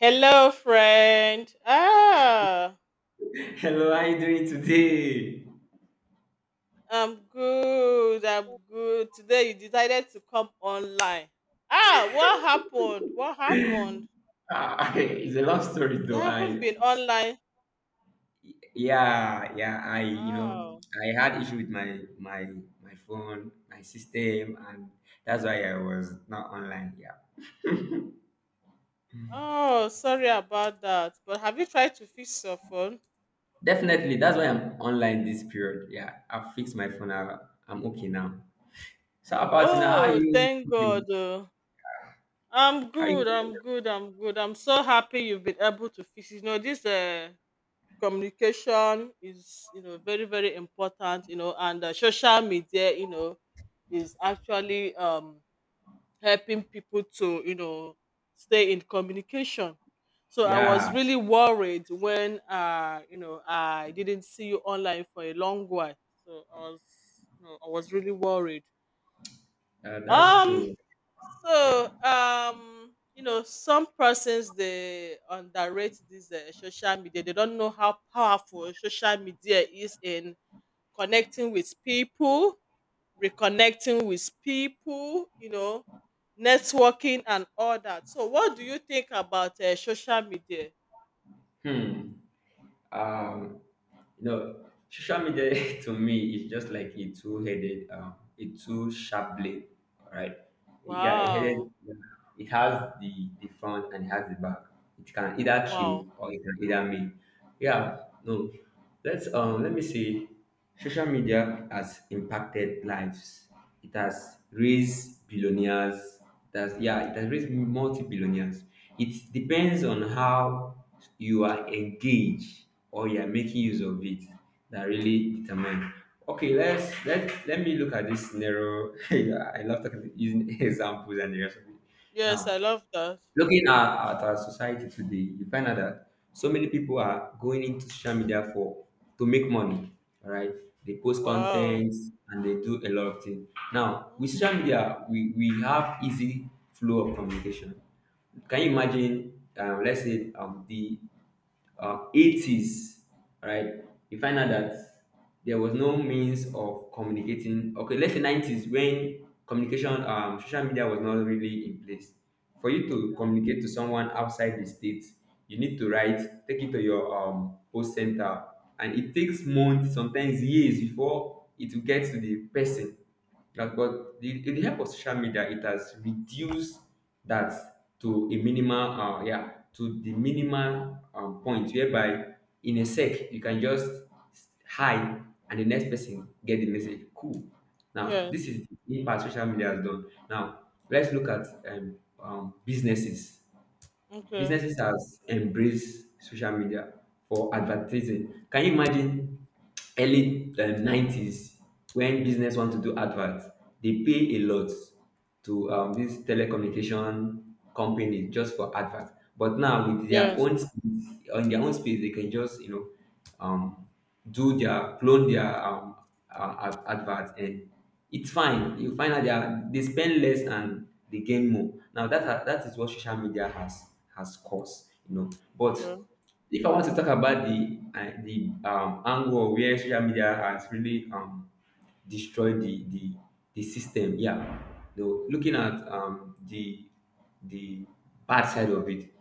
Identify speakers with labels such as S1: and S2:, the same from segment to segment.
S1: Hello, friend.
S2: Hello, how you doing today?
S1: I'm good. Today you decided to come online. What happened? What happened?
S2: Ah, it's a long story
S1: You
S2: though.
S1: haven't
S2: I
S1: been online.
S2: yeah, yeah, I you know,
S1: Wow.
S2: I had issue with my phone, my system, and that's why I was not online. Yeah.
S1: Oh, sorry about that. But have you tried to fix your phone?
S2: Definitely, that's why I'm online this period. Yeah. I fixed my phone. I'm okay now. So how about now, how are
S1: Oh,
S2: you
S1: thank God.
S2: keeping?
S1: Oh.
S2: How you keeping?
S1: I'm good. I'm so happy you've been able to fix. It. You know this. Communication is, you know, very important, you know, and social media, you know, is actually helping people to, you know, stay in communication. So I was
S2: Yeah,
S1: really worried when, you know, I didn't see you online for a long while. So I was, you know, I was really worried.
S2: that's
S1: um
S2: true. Yeah.
S1: so you know, some persons they underrate this social media. They don't know how powerful social media is in connecting with people, reconnecting with people, you know, networking and all that. So, what do you think about social media?
S2: Hmm. Um, You know, social media to me is just like a two-headed, a two-sharp blade. All right. Yeah, a headed.
S1: Wow.
S2: It has the front and it has the back. It can either kill
S1: Wow.
S2: or it can either make. Yeah, no. Let's let me see. Social media has impacted lives. It has raised billionaires. It has yeah, it has raised multi-billionaires. It depends on how you are engaged or you are making use of it that really determine. Okay, let me look at this scenario. I love talking using examples and the rest of it.
S1: Yes, I
S2: Now,
S1: love that.
S2: looking at our society today, you find out that so many people are going into social media for to make money. All right, they post
S1: Wow.
S2: content and they do a lot of things. Now with social
S1: Mm.
S2: media, we have easy flow of communication. Can you imagine? Let's say the 80s, right? You find out that there was no means of communicating. Okay, let's say 90s when communication, social media was not really in place. For you to
S1: Okay.
S2: communicate to someone outside the state, you need to write, take it to your post center, and it takes months, sometimes years before it will get to the person. Like, but with the help of social media, it has reduced that to a minimal, to the minimal point whereby in a sec you can just hi and the next person get the message. Cool. Now this
S1: Yes.
S2: is the impact social media has done. Now let's look at businesses.
S1: Okay.
S2: Businesses has embraced social media for advertising. Can you imagine early 90s when business want to do adverts? They pay a lot to this telecommunication company just for adverts. But now with their
S1: Yes.
S2: own space, on their own space, they can just um do their clone their advert and it's fine. You find out they spend less and they gain more. Now that is what social media has caused, you know. But
S1: Okay.
S2: if I want to talk about the angle where social media has really destroy the system. Yeah, though looking at the the bad side of it,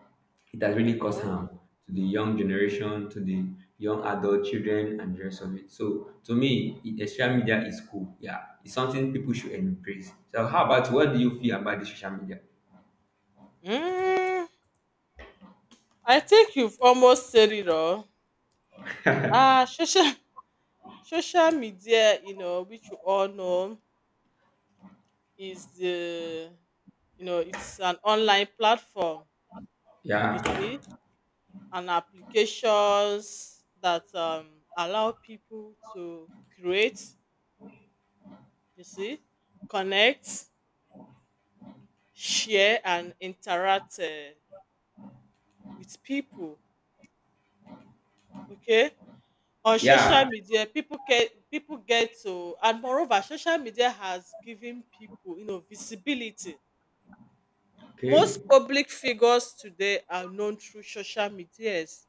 S2: it has really caused harm to the young generation, to the young adult children, and the rest of it. So to me, social media is cool. Yeah, it's something people should embrace. So how about you? What do you feel about the social media?
S1: Mm. I think you've almost said it all. Ah, social social media, you know, which you all know, is the, you know, it's an online platform. You
S2: Yeah,
S1: see, and applications that allow people to create, you see, connect, share, and interact with people. Okay, on social
S2: yeah,
S1: media people get to. And moreover, social media has given people, you know, visibility. Most
S2: okay,
S1: public figures today are known through social medias.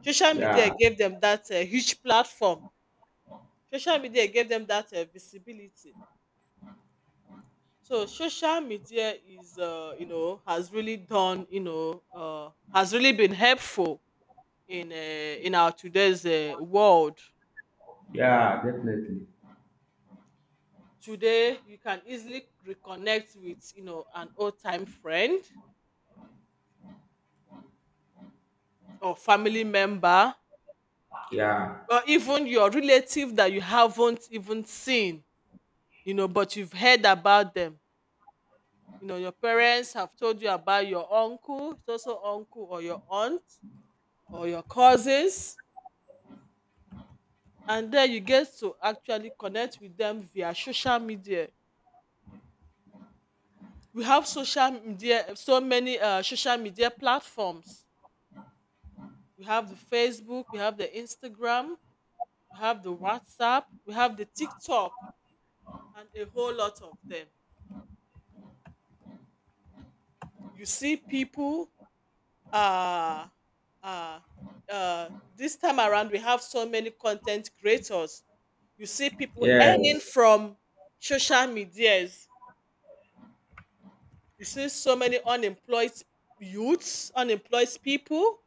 S1: Social media
S2: yeah,
S1: gave them that huge platform. Social media gave them that visibility. So social media is, you know, has really done, you know, has really been helpful in uh, in our today's world.
S2: yeah, definitely,
S1: Today, you can easily reconnect with, you know, an old time friend or family member
S2: yeah,
S1: or even your relative that you haven't even seen, you know, but you've heard about them. You know, your parents have told you about your uncle, it's also uncle or your aunt or your cousins, and then you get to actually connect with them via social media. We have social media, so many social media platforms. We have the Facebook, we have the Instagram, we have the WhatsApp, we have the TikTok, and a whole lot of them. You see, people uh, uh, this time around, we have so many content creators. You see people earning
S2: yes,
S1: from social medias. You see so many unemployed youths, unemployed people,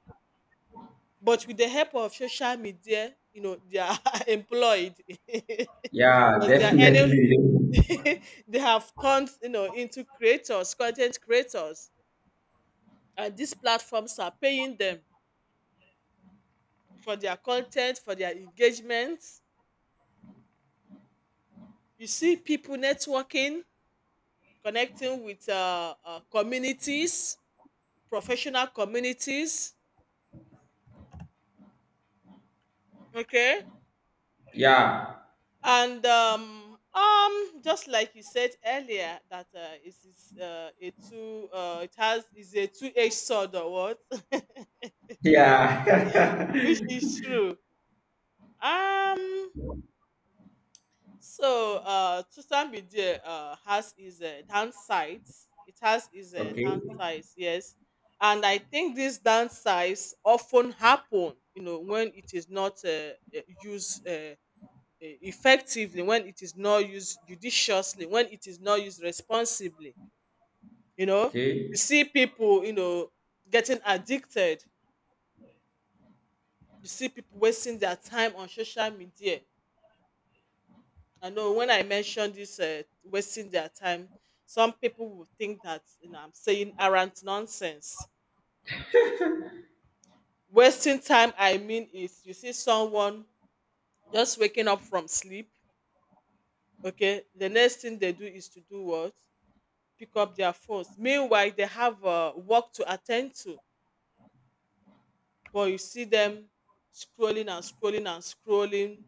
S1: but with the help of social media, you know, they are employed
S2: yeah,
S1: because they are earning.
S2: definitely,
S1: They have turned, you know, into creators, content creators, and these platforms are paying them for their content, for their engagement. You see people networking, connecting with communities, professional communities. Okay.
S2: yeah.
S1: And just like you said earlier that, it is, a two it has is a two-edged sword or what.
S2: Yeah.
S1: Which is true. um So social media, has its downsides. It has its
S2: Okay.
S1: downsides, yes. And I think these downsides often happen, you know, when it is not used effectively, when it is not used judiciously, when it is not used responsibly. You know, you
S2: Okay.
S1: see people, you know, getting addicted. You see people wasting their time on social media. I know when I mentioned this, wasting their time, some people will think that, you know, I'm saying arrant nonsense. Wasting time, I mean, is you see someone just waking up from sleep. Okay, the next thing they do is to do what? Pick up their phones. Meanwhile, they have work to attend to, but you see them scrolling and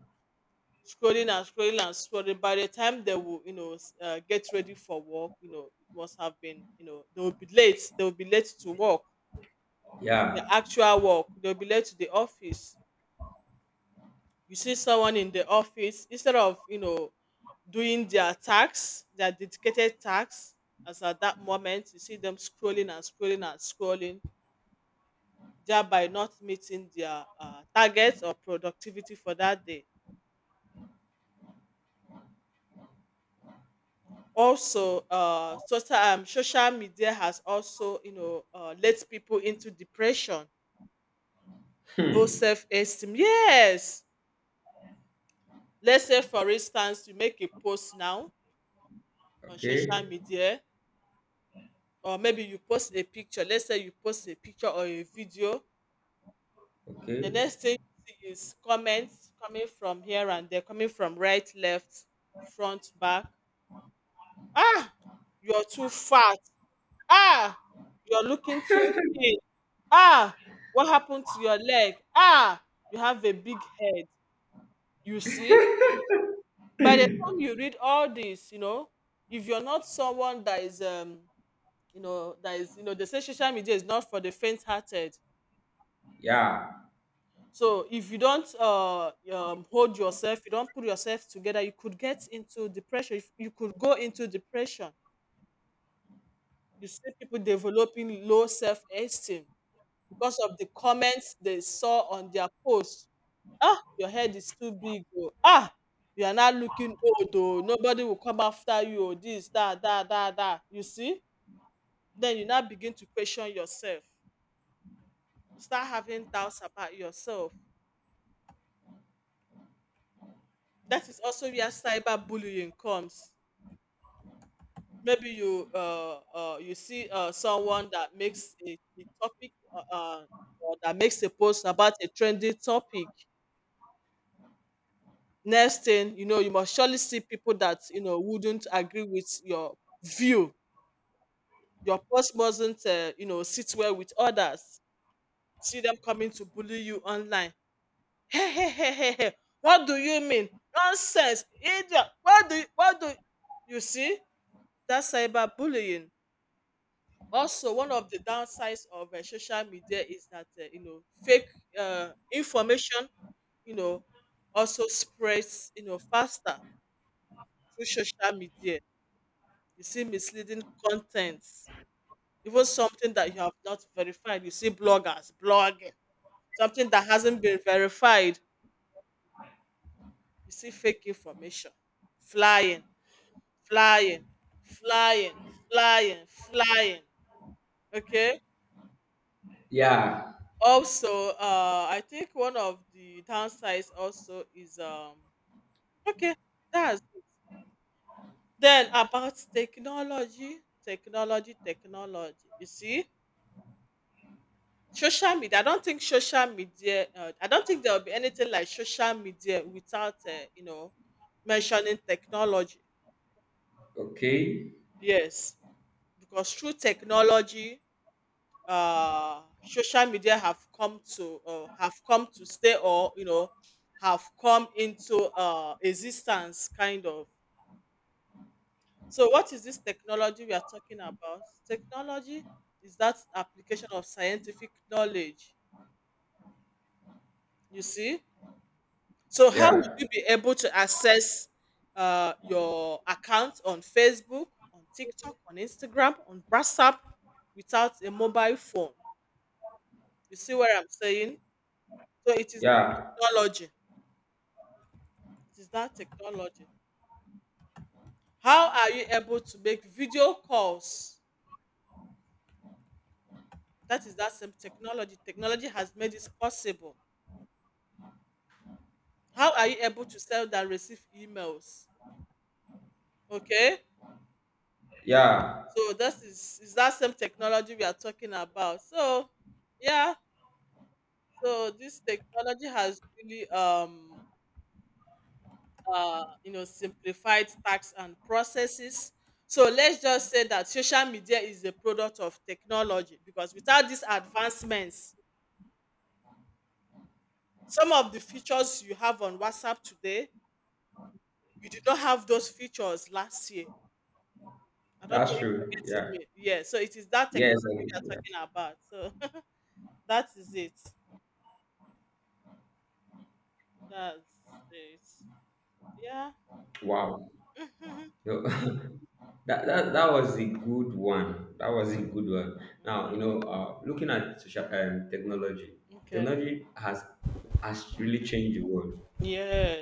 S1: scrolling and scrolling and scrolling By the time they will, you know, get ready for work, you know, it must have been, you know, they will be late. They will be late to work, the
S2: Yeah.
S1: actual work. They will be late to the office. You see someone in the office instead of, you know, doing their tax, their dedicated tax, as at that moment, you see them scrolling and scrolling and scrolling, thereby not meeting their targets or productivity for that day. Also, social media has also, you know, led people into depression, low
S2: Hmm.
S1: self esteem. Yes. Let's say, for instance, you make a post now on social
S2: Okay.
S1: media, or maybe you post a picture. Let's say you post a picture or a video. The
S2: Okay.
S1: next thing you see is comments coming from here and there, coming from right, left, front, back. Ah, you're too fat. Ah, you're looking too thin. Ah, what happened to your leg? Ah, you have a big head. You see, by the time you read all this, you know, if you're not someone that is, you know, that is, you know, they say social media is not for the faint-hearted.
S2: Yeah.
S1: So if you don't hold yourself, you don't put yourself together, you could get into depression. You could go into depression. You see people developing low self-esteem because of the comments they saw on their post. Ah, your head is too big. Oh. Ah, you are not looking old. Oh. Nobody will come after you. Oh. This, that, that, that, that. You see? Then you now begin to question yourself. You start having doubts about yourself. That is also where cyberbullying comes. Maybe you you see someone that makes a topic, or that makes a post about a trending topic. Next thing you know, you must surely see people that, you know, wouldn't agree with your view. Your post mustn't, you know, sit well with others. See them coming to bully you online. Hey hey hey hey hey! What do you mean? Nonsense, idiot! What do you, you see? That's cyberbullying. Also, one of the downsides of social media is that, you know, fake information, you know, also spreads, you know, faster through social media. You see misleading content, even something that you have not verified. You see bloggers blogging, something that hasn't been verified. You see fake information flying, flying, flying, flying, flying. Okay.
S2: Yeah.
S1: Also, I think one of the downsides also is. Okay, that's it. Then about technology, technology. You see, social media, I don't think social media, I don't think there will be anything like social media without, you know, mentioning technology.
S2: Okay.
S1: Yes, because through technology, social media have come to, have come to stay, or, you know, have come into existence, kind of. So, what is this technology we are talking about? Technology is that application of scientific knowledge. You see, so how would
S2: Yeah.
S1: you be able to access your account on Facebook, on TikTok, on Instagram, on WhatsApp without a mobile phone? You see where I'm saying? So it is that
S2: Yeah.
S1: technology. It is that technology. How are you able to make video calls? That is that same technology. Technology has made this possible. How are you able to send and receive emails? Okay.
S2: Yeah.
S1: So this is that same technology we are talking about. So yeah, so this technology has really you know, simplified tasks and processes. So let's just say that social media is a product of technology, because without these advancements, some of the features you have on WhatsApp today, you did not have those features last year. I don't know
S2: That's
S1: if
S2: true.
S1: you're getting
S2: Yeah.
S1: me. Yeah, so it is that
S2: Yes.
S1: technology we are
S2: Yeah.
S1: talking about. So that is it. That's it. Yeah.
S2: Wow. No, that was a good one. That was a good one. Now you
S1: Mm.
S2: know, looking at social technology,
S1: Okay.
S2: technology has really changed the world.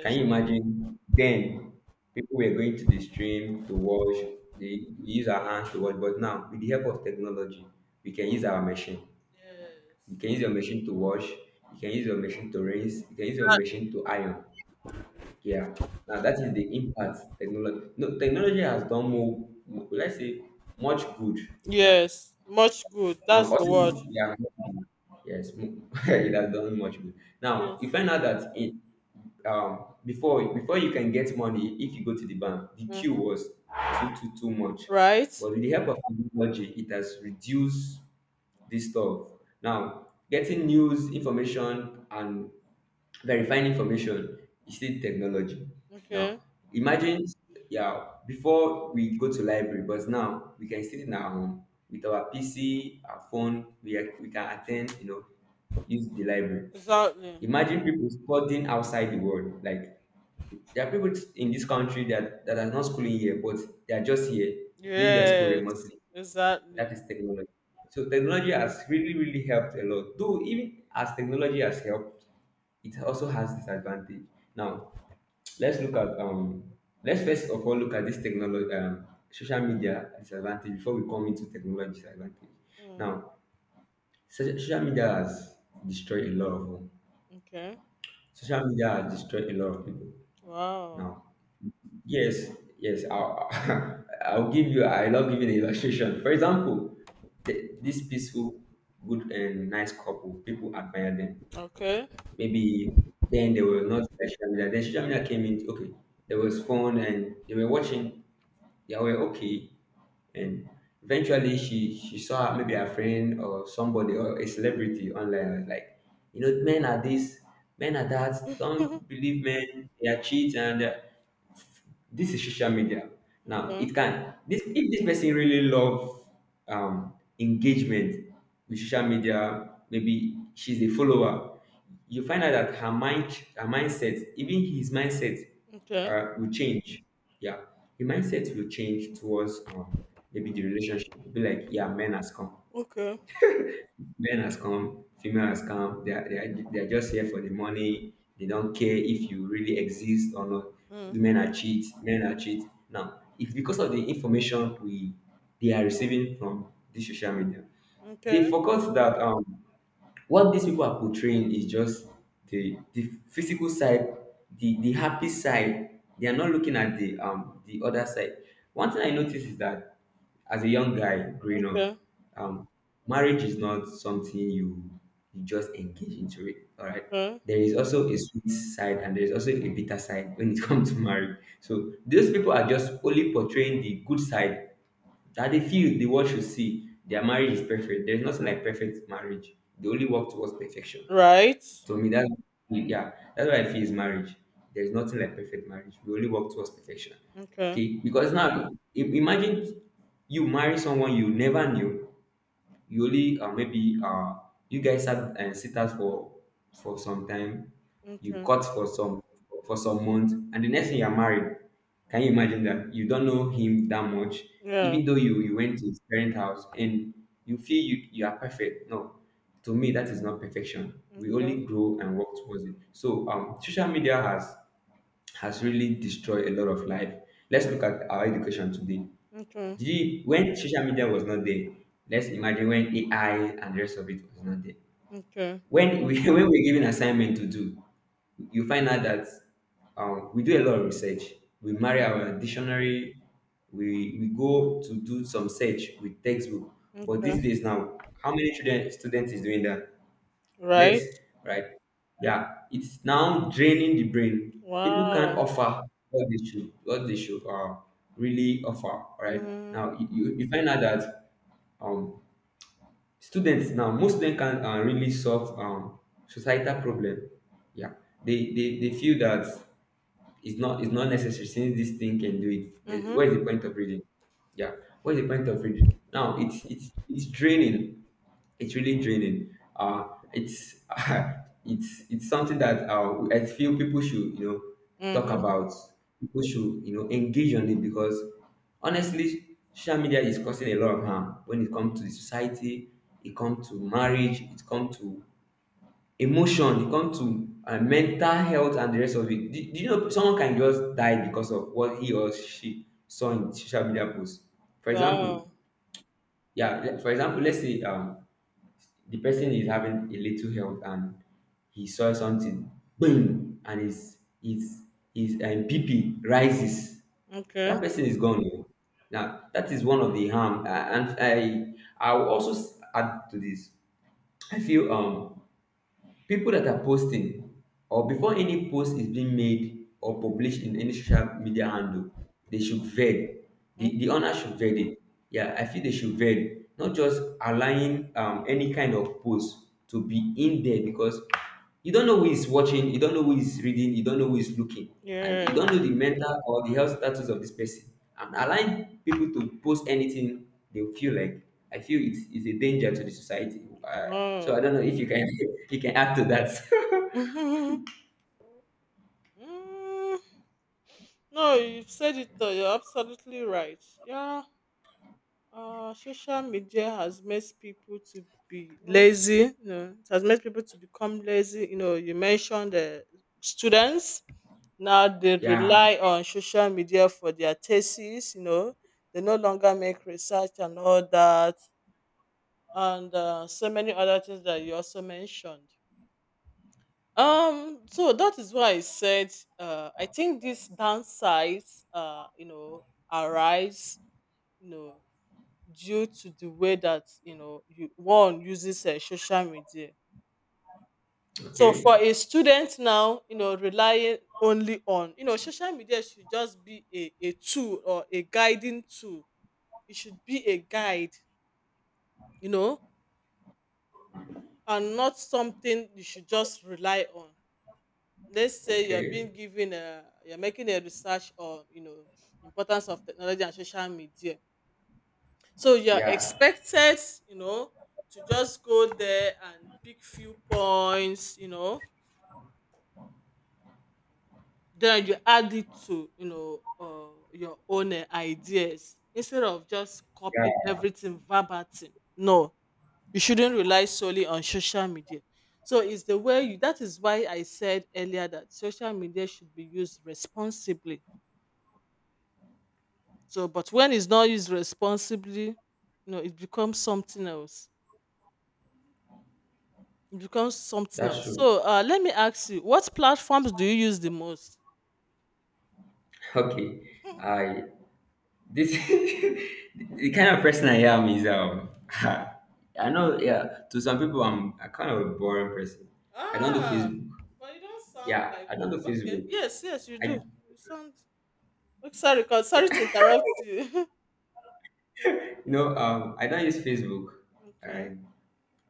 S2: Can you imagine? Then people were going to the stream to wash. They use our hands to wash, but now with the help of technology, we can use our machine. You
S1: Yes.
S2: can use your machine to wash. You can use your machine to rinse. You can use your machine to iron. Yeah. Now that is the impact technology. No, technology has done more. Let's say much good. Yeah.
S1: Yes, much good.
S2: And
S1: That's the word.
S2: also, yeah, yes, it has done much good. Now, you
S1: Yes.
S2: find out that before you can get money, if you go to the bank, the queue
S1: Mhm.
S2: was too much.
S1: Right?
S2: But with the help of technology, it has reduced this stuff. Now, getting news, information, and verifying information is still technology. Now,
S1: Okay.
S2: imagine, yeah, before we go to library, but now we can sit in our home with our PC, our phone. We can attend, you know, use the library.
S1: Exactly.
S2: Imagine people studying outside the world. Like there are people in this country that are not schooling here, but they are just here doing their school
S1: Yes.
S2: remotely. That
S1: Exactly.
S2: is technology. So technology has really, really helped a lot. Though even as technology has helped, it also has disadvantage. Now, let's look at let's first of all look at this technology, social media disadvantage before we come into technology disadvantage.
S1: Mm.
S2: Now, social media has destroyed a lot of
S1: Okay.
S2: social media has destroyed a lot of people.
S1: Wow.
S2: Now, yes, yes. I'll give you. I love giving illustration. For example, this peaceful, good, and nice couple. People admire them.
S1: Okay.
S2: Maybe then they were not social media. Then social media came in. Okay, there was phone, and they were watching. They were okay, and eventually she saw maybe a friend or somebody or a celebrity online. I was like, you know, men are this, men are that. Don't believe men. They are cheats and. This is social media. Now
S1: okay.
S2: it can this, if this person really love um engagement with social media, maybe she's a follower. You find out that her mindset, even his mindset
S1: Okay.
S2: will change. Yeah, the mindset will change towards maybe the relationship. It'll be like yeah,
S1: Okay.
S2: men has come, female has come. They are just here for the money. They don't care if you really exist or not.
S1: Mm.
S2: The men are cheat. Men are cheat. Now it's because of the information we they are receiving from this social media. They
S1: Okay.
S2: forgot that what these people are portraying is just the physical side, the happy side. They are not looking at the other side. One thing I noticed is that as a young guy growing up,
S1: Okay.
S2: um, marriage is not something you just engage into it. All right.
S1: Okay.
S2: There is also a sweet side and there is also a bitter side when it comes to marriage. So those people are just only portraying the good side that they feel the world should see. Their marriage is perfect. There's nothing like perfect marriage. They only work towards perfection.
S1: Right?
S2: To me, that's yeah, that's what I feel is marriage. There's nothing like perfect marriage. We only work towards perfection.
S1: Okay.
S2: Okay, because now imagine you marry someone you never knew. You only maybe you guys sat and sit out for some time. You
S1: Okay.
S2: cut for some months, and the next thing you're married. Can you imagine that you don't know him that much,
S1: Yeah.
S2: even though you went to his parent house and you feel you are perfect? No, to me that is not perfection.
S1: Mm.
S2: We only grow and work towards it. So social media has really destroyed a lot of life. Let's look at our education today.
S1: Okay.
S2: Did you, when social media was not there, let's imagine when AI and the rest of it was not there.
S1: Okay.
S2: When we when we're given assignment to do, you find out that we do a lot of research. We marry our dictionary. We go to do some search with textbook.
S1: Okay.
S2: But these days now, how many students is doing that?
S1: Right?
S2: Less, right? Yeah, it's now draining the brain. People can't
S1: Wow.
S2: offer what they should really offer, right?
S1: Mm-hmm.
S2: Now you you find out that um, students now most of them can really solve societal problem. Yeah, they feel that it's not necessary since this thing can do it. Then
S1: Mm-hmm.
S2: what is the point of reading? Yeah, what is the point of reading? Now it's draining. It's really draining. It's it's something that I feel people should you know talk
S1: Mm-hmm.
S2: about. People should you know engage on it because honestly, social media is causing a lot of harm when it comes to the society. It comes to marriage. It comes to emotion. It comes to mental health and the rest of it. Do you know someone can just die because of what he or she saw in social media posts? For example,
S1: Wow.
S2: yeah. For example, let's say the person is having a little health and he saw something boom and his pp rises.
S1: Okay.
S2: That person is gone, oh. Now that is one of the harm, and I will also add to this. I feel people that are posting, or before any post is being made or published in any social media handle, they should vet.
S1: Mm.
S2: The owner should vet it. Yeah, I feel they should vet, not just allowing any kind of post to be in there, because you don't know who is watching, you don't know who is reading, you don't know who is looking, and you
S1: Yeah.
S2: don't know the mental or the health status of this person, and allowing people to post anything they feel like, I feel it's a danger to the society,
S1: No.
S2: so I don't know if you can you can add to that.
S1: Mm. Mm-hmm. Mm-hmm. No, you've said it all. You're absolutely right. Yeah. Social media has made people to be lazy. You know, it has made people to become lazy. You know, you mentioned the students. Now they rely
S2: Yeah.
S1: on social media for their thesis. You know, they no longer make research and all that, and so many other things that you also mentioned. So that is why I said I think these downsides, you know, arise, you know, due to the way that, you know, you one uses social media. So for
S2: Okay.
S1: a student now, you know, relying only on, you know, social media should just be a tool or a guiding tool. It should be a guide, you know, and not something you should just rely on. Let's say you're being
S2: Okay.
S1: given a you're making a research on, you know, importance of technology and social media, so you're
S2: Yeah,
S1: expected, you know, to just go there and pick few points, you know, then you add it to your own ideas instead of just copying
S2: yeah,
S1: everything verbatim. No, you shouldn't rely solely on social media. So it's the way you that is why I said earlier that social media should be used responsibly. So, but when it's not used responsibly, you know, it becomes something else. It becomes something
S2: that's
S1: else.
S2: true.
S1: So, let me ask you, what platforms do you use the most?
S2: Okay. I this The kind of person I am is I know, yeah, to some people I'm a kind of a boring person. I don't do
S1: Ah,
S2: Facebook.
S1: but you don't sound
S2: Yeah,
S1: like
S2: I don't do
S1: okay.
S2: Facebook.
S1: Yes, yes, you
S2: I
S1: do. You sound. Oh, sorry, sorry to
S2: Yeah.
S1: interrupt you. Sorry to
S2: I don't use Facebook.
S1: interrupt. Okay.
S2: I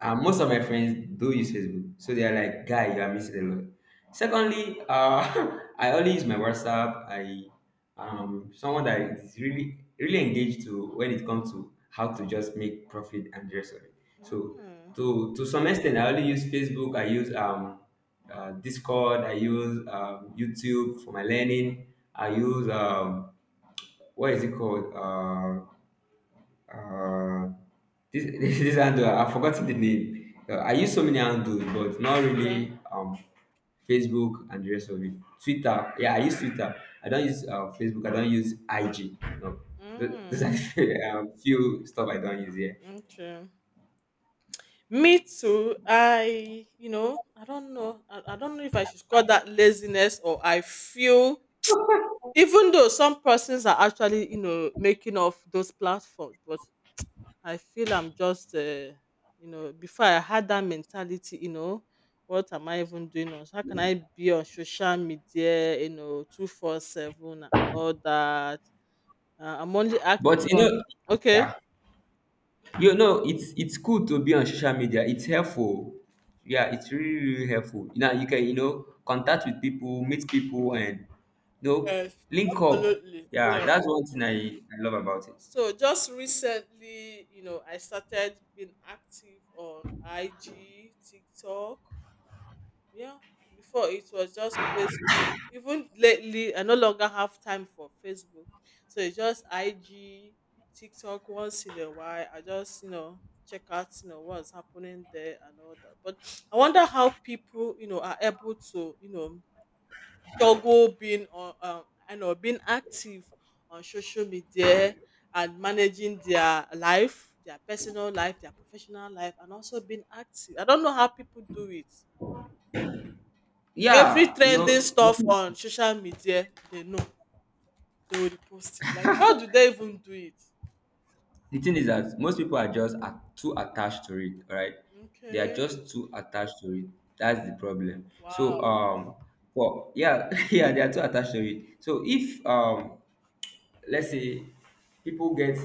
S2: Most of my friends do use Facebook, so they are like, "Guy, you are missing a lot." Secondly, I only use my WhatsApp. I Someone that is really really engaged to, when it comes to how to just make profit and the rest of it. So,
S1: Mm,
S2: to some extent, I only use Facebook. I use Discord. I use YouTube for my learning. I use what is it called? Uh, this this handle, I've forgotten the name. I use so many handles, but not
S1: okay.
S2: really Facebook and the rest of it. Twitter, yeah, I use Twitter. I don't use Facebook. I don't use IG. No, Th-
S1: Mm,
S2: those are few stuff I don't use. Yeah,
S1: okay. Me too. I don't know. I don't know if I should call that laziness or I feel even though some persons are actually, you know, making off those platforms, but I feel I'm just, you know, before I had that mentality, you know, what am I even doing on? How can I be on social media, you know, 247 and all that? I'm only
S2: but
S1: active on, okay.
S2: yeah, it's cool to be on social media. It's helpful. Yeah, it's really really helpful. Now you can contact with people, meet people, and you know
S1: Yes,
S2: link up.
S1: absolutely.
S2: Yeah,
S1: Yeah.
S2: that's one thing I love about it.
S1: So just recently, you know, I started being active on IG, TikTok. Yeah, before it was just Facebook. Even lately, I no longer have time for Facebook. So it's just IG, TikTok once in a while. I just, you know, check out, you know, what's happening there and all that. But I wonder how people, you know, are able to, you know, juggle being on, I know, being active on social media and managing their life, their personal life, their professional life, and also being active. I don't know how people do it. Every
S2: Yeah, you
S1: trending
S2: know,
S1: stuff on social media, they know. They will repost it. Like, how do they even do it?
S2: the thing is that most people are just at, too attached to it. Right? They are
S1: Okay.
S2: just too attached to it. That's the problem.
S1: Wow.
S2: So, well, yeah, yeah, they are too attached to it. So if let's say people get.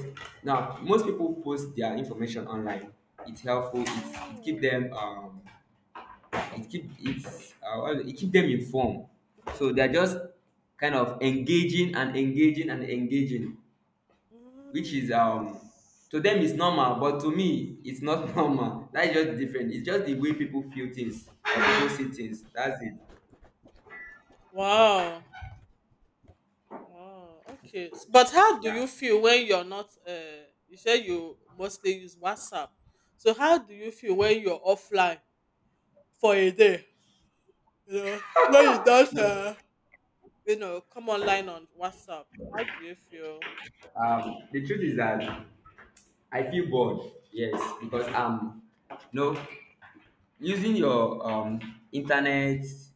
S2: Now most people post their information online. It's helpful. It's, it keep
S1: Mm,
S2: them, it keep, it's, well, it keep them informed. So
S1: okay.
S2: they're just kind of engaging and engaging and engaging, which is
S1: Mm,
S2: to them is normal, but to me it's not normal. That's just different. It's just the way people feel things or people
S1: mm.
S2: see things. That's it.
S1: Wow. Wow. Okay. But how do
S2: Yeah.
S1: you feel when you're not you say you mostly use WhatsApp. So how do you feel when you're offline for a day? You know, when you don't,
S2: No,
S1: you know, come online on WhatsApp. How do you feel?
S2: the truth is that I feel bored. Yes, because no, using your internet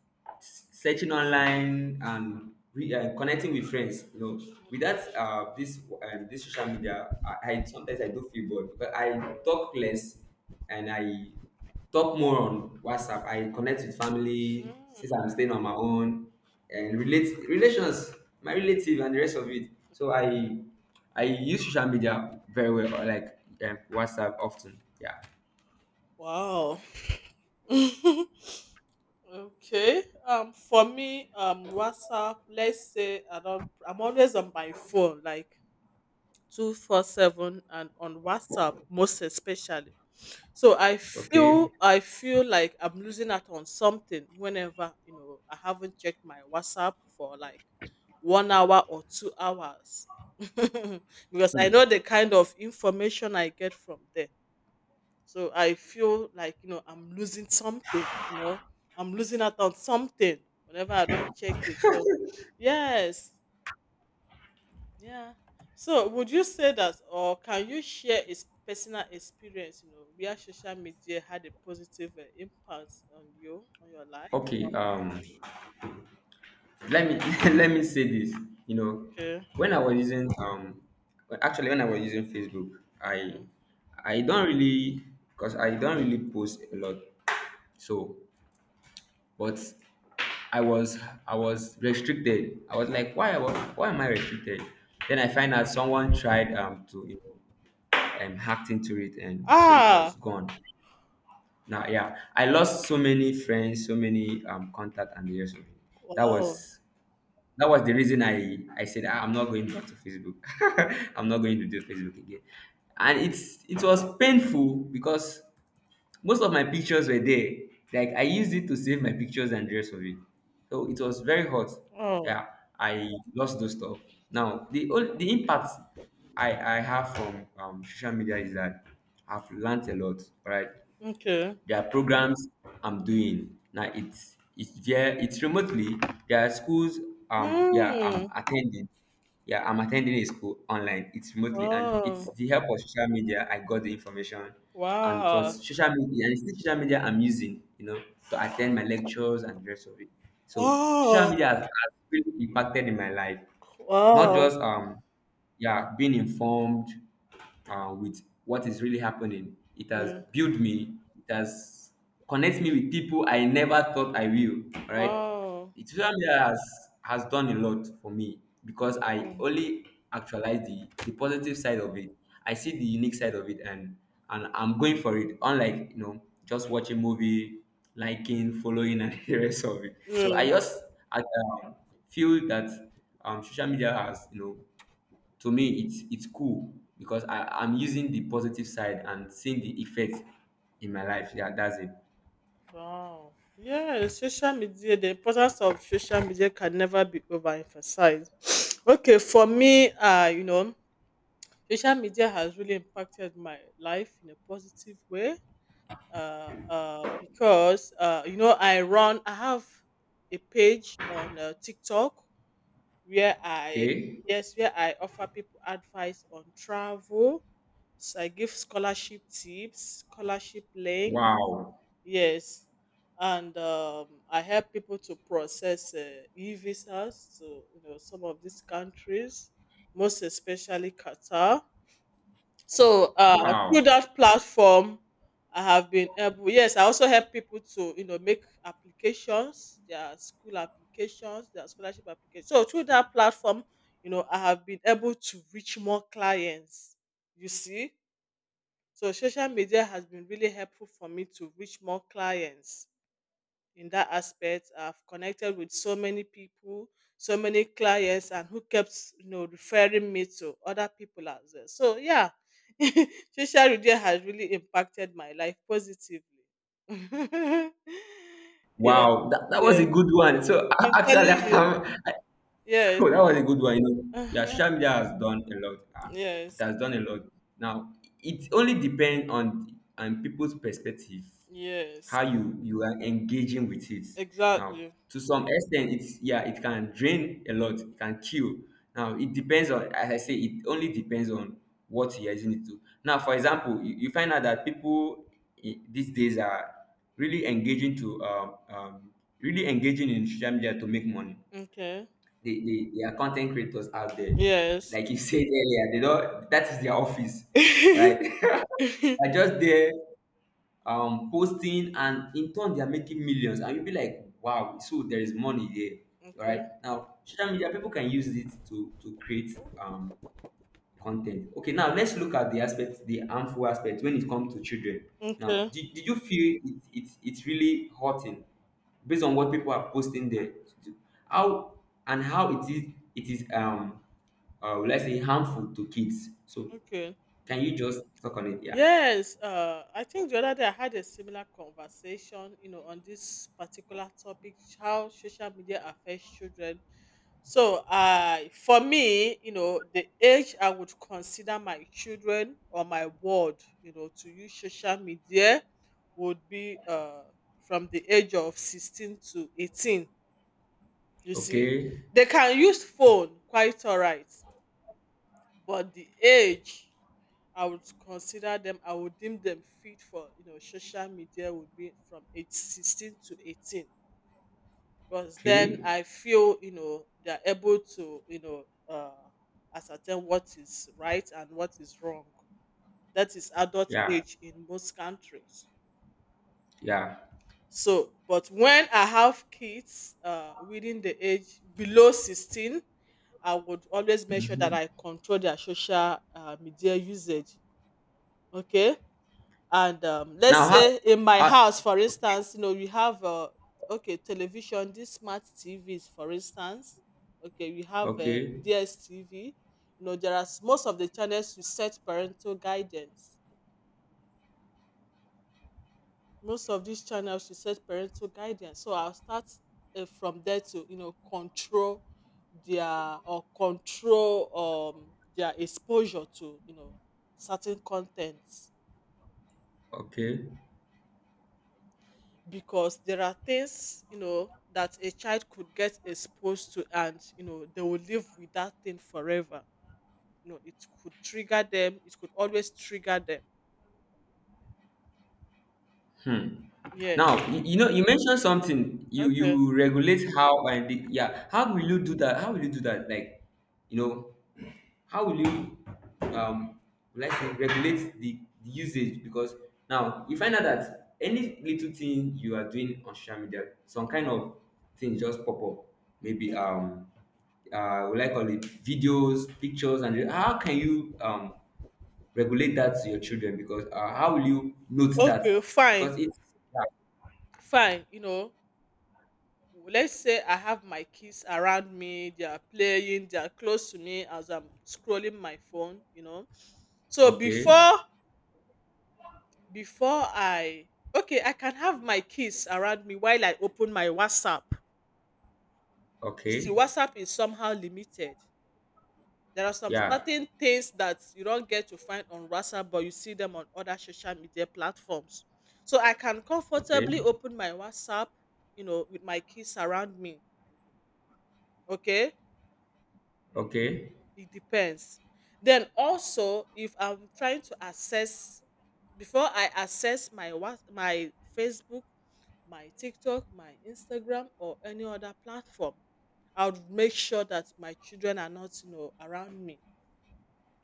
S2: searching online and connecting with friends, you know, without this social media, I sometimes I do feel bored because I talk less, and I talk more on WhatsApp. I connect with family since
S1: Mm.
S2: I'm staying on my own, and relate relations, my relative and the rest of it. So I use social media very well, like, WhatsApp often. Yeah.
S1: Wow. Okay. For me, WhatsApp. Let's say I don't. I'm always on my phone, like 24/7, and on WhatsApp most especially. So
S2: Okay.
S1: I feel like I'm losing out on something whenever you know I haven't checked my WhatsApp for like 1 hour or 2 hours because I know the kind of information I get from there. So I feel like, you know, I'm losing something, you know, I'm losing out on something whenever I don't check it. So, yes, yeah. So, would you say that, or can you share a personal experience, you know, where social media had a positive impact on you, on your life?
S2: Okay, let me let me say this. You know,
S1: Okay.
S2: when I was using well, actually, when I was using Facebook, I
S1: Okay.
S2: I don't really, because I don't really post a lot. So, but I was I was restricted. I was like, why why am I restricted? Then I find
S1: Mm.
S2: out someone tried to hacked into it, and so it
S1: Ah,
S2: was gone. Now, yeah, I lost so many friends, so many contact and the rest of it. that
S1: wow.
S2: was That was the reason I said, "Ah, I'm not going back to Facebook. I'm not going to do Facebook again." And it was painful because most of my pictures were there. Like, I used it to save my pictures and the rest of it. So it was very hot.
S1: Oh,
S2: Yeah, I lost those stuff. Now the the impact I have from social media is that I've learned a lot. Right,
S1: okay.
S2: there are programs I'm doing now. It's there. It's remotely. There are schools. Yeah, I'm
S1: Mm.
S2: attending. Yeah, I'm attending a school online. It's remotely, and it's
S1: Wow.
S2: the help of social media. I got the information, and it was
S1: Wow.
S2: social media. And it's the social media I'm using, to attend my lectures and the rest of it. So social
S1: Wow.
S2: media has really impacted in my life, not
S1: Wow.
S2: just yeah, being informed, with what is really happening. It has
S1: Yeah.
S2: built me, it has connects me with people I never thought I will, right?
S1: Wow.
S2: it Social media has, done a lot for me, because I
S1: Mm,
S2: only actualize the positive side of it. I see the unique side of it, and I'm going for it, unlike, just watching movie, liking, following, and the rest of it. So
S1: yeah!
S2: I, um, feel that, social media has, to me it's cool, because I'm using the positive side and seeing the effect in my life. Yeah, that's it.
S1: Wow. Yeah, social media, the importance of social media can never be overemphasized. Okay, for me, you know, social media has really impacted my life in a positive way. Because you know, I have a page on TikTok where I,
S2: Okay.
S1: yes, where I offer people advice on travel. So I give scholarship tips, scholarship links.
S2: Wow.
S1: Yes, and I help people to process e-visas to, you know, some of these countries, most especially Qatar. So through
S2: Wow.
S1: that platform, I have been able. Yes, I also help people to, you know, make applications, their school applications, their scholarship applications. So through that platform, you know, I have been able to reach more clients. You see, so social media has been really helpful for me to reach more clients in that aspect. I've connected with so many people, so many clients, and who kept, you know, referring me to other people as well. So yeah, social media has really impacted my life positively. Yes,
S2: Wow. That was
S1: yes,
S2: a good one. So
S1: I'm telling
S2: actually,
S1: you. Yes,
S2: oh, that was a good one. You know, yeah,
S1: uh-huh.
S2: social media has done a lot. It
S1: Yes,
S2: has done a lot. Now, it only depends on people's perspective,
S1: yes,
S2: how you are engaging with it. Now,
S1: exactly.
S2: to some extent, it's yeah, it can drain a lot, it can kill. Now, it depends on, as I say, it only depends on what you're using it to. Now, for example, you find out that people these days are really engaging to um, um, really engaging in social media to make money.
S1: Okay.
S2: They are content creators out there.
S1: Yes.
S2: Like, you said earlier, they don't, that is their office, right?
S1: okay.
S2: They're just there, posting, and in turn they are making millions, and you'll be like, wow, so there is money there. Right? Now social media, people can use it to create, content. Okay, now let's look at the aspect, the harmful aspect when it comes to children. Now,
S1: Okay.
S2: did you feel it's really hurting, based on what people are posting there? How, and how it is, it is um let's say, harmful to kids. So
S1: Okay.
S2: can you just talk on it? Yeah.
S1: Yes, I think the other day I had a similar conversation, you know, on this particular topic, how social media affects children. So, for me, you know, the age I would consider my children or my world, you know, to use social media would be from the age of 16 to 18. You see,
S2: Okay.
S1: they can use phone quite all right, but the age I would consider them, I would deem them fit for, you know, social media would be from age 16 to 18 because then
S2: Okay.
S1: I feel, you know, they're able to, you know, uh, ascertain what is right and what is wrong. That is adult
S2: Yeah.
S1: age in most countries.
S2: Yeah.
S1: So, but when I have kids within the age below 16, I would always make sure that
S2: Mhm.
S1: I control their social media usage. Okay, and
S2: Now
S1: let's say in my
S2: how
S1: house for
S2: okay,
S1: instance, you know, we have okay television, these smart TVs, for instance. Okay, we have a
S2: okay,
S1: DSTV, you know, there are most of the channels you set parental guidance, most of these channels you set parental guidance, so I'll start from there to, you know, control their or control their exposure to, you know, certain content
S2: okay.
S1: because there are things, you know, that a child could get exposed to, and you know they will live with that thing forever, you know, it could trigger them, it could always trigger them,
S2: Hmm.
S1: yes.
S2: Now, you know, you mentioned something.
S1: Okay,
S2: You regulate how, and yeah. How will you do that? How will you do that? Like, you know, how will you um like regulate the usage? Because now you find out that any little thing you are doing on social media, some kind of thing just pop up. Maybe
S1: yeah.
S2: we like all the videos, pictures, and how can you regulate that to your children, because how will you note that,
S1: Okay, fine.
S2: because it's, yeah.
S1: Fine, you know, let's say I have my kids around me, they are playing, they are close to me as I'm scrolling my phone, you know, so
S2: Okay.
S1: before, before I, okay, I can have my kids around me while I open my WhatsApp. You see,
S2: Okay.
S1: WhatsApp is somehow limited. There are some
S2: Yeah.
S1: certain things that you don't get to find on WhatsApp, but you see them on other social media platforms. So I can
S2: Okay.
S1: comfortably open my WhatsApp, you know, with my kids around me. Okay,
S2: Okay.
S1: it depends. Then also, if I'm trying to access, before I access my my Facebook, my TikTok, my Instagram, or any other platform, I would make sure that my children are not, you know, around me.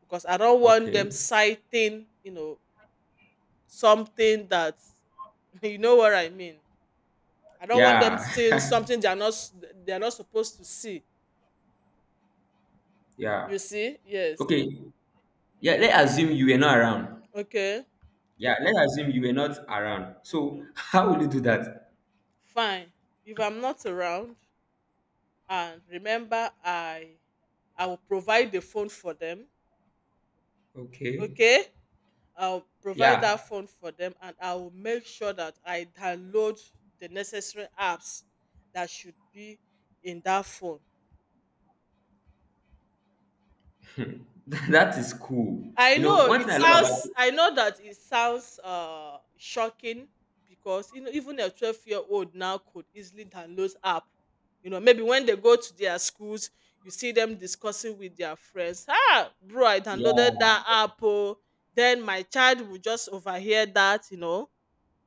S1: Because I don't want them
S2: Okay.
S1: citing, you know, something that you know what I mean. I don't want them
S2: Yeah.
S1: seeing something they're not they're not supposed to see.
S2: Yeah.
S1: You see? Yes.
S2: Okay. Yeah, let's assume you were not around.
S1: Okay.
S2: Yeah, let's assume you were not around, so
S1: Okay.
S2: how will you do that?
S1: Fine. If I'm not around, and remember, I will provide the phone for them.
S2: Okay.
S1: Okay. I'll provide that
S2: Yeah.
S1: phone for them, and I will make sure that I download the necessary apps that should be in that phone.
S2: That is cool.
S1: I
S2: You know,
S1: know
S2: one
S1: it
S2: thing I love about.
S1: sounds, I know that it sounds shocking because, you know, even a 12-year-old now could easily download app. You know, maybe when they go to their schools, you see them discussing with their friends. Ah, bro, I downloaded
S2: Yeah.
S1: that app. Oh. Then my child will just overhear that, you know.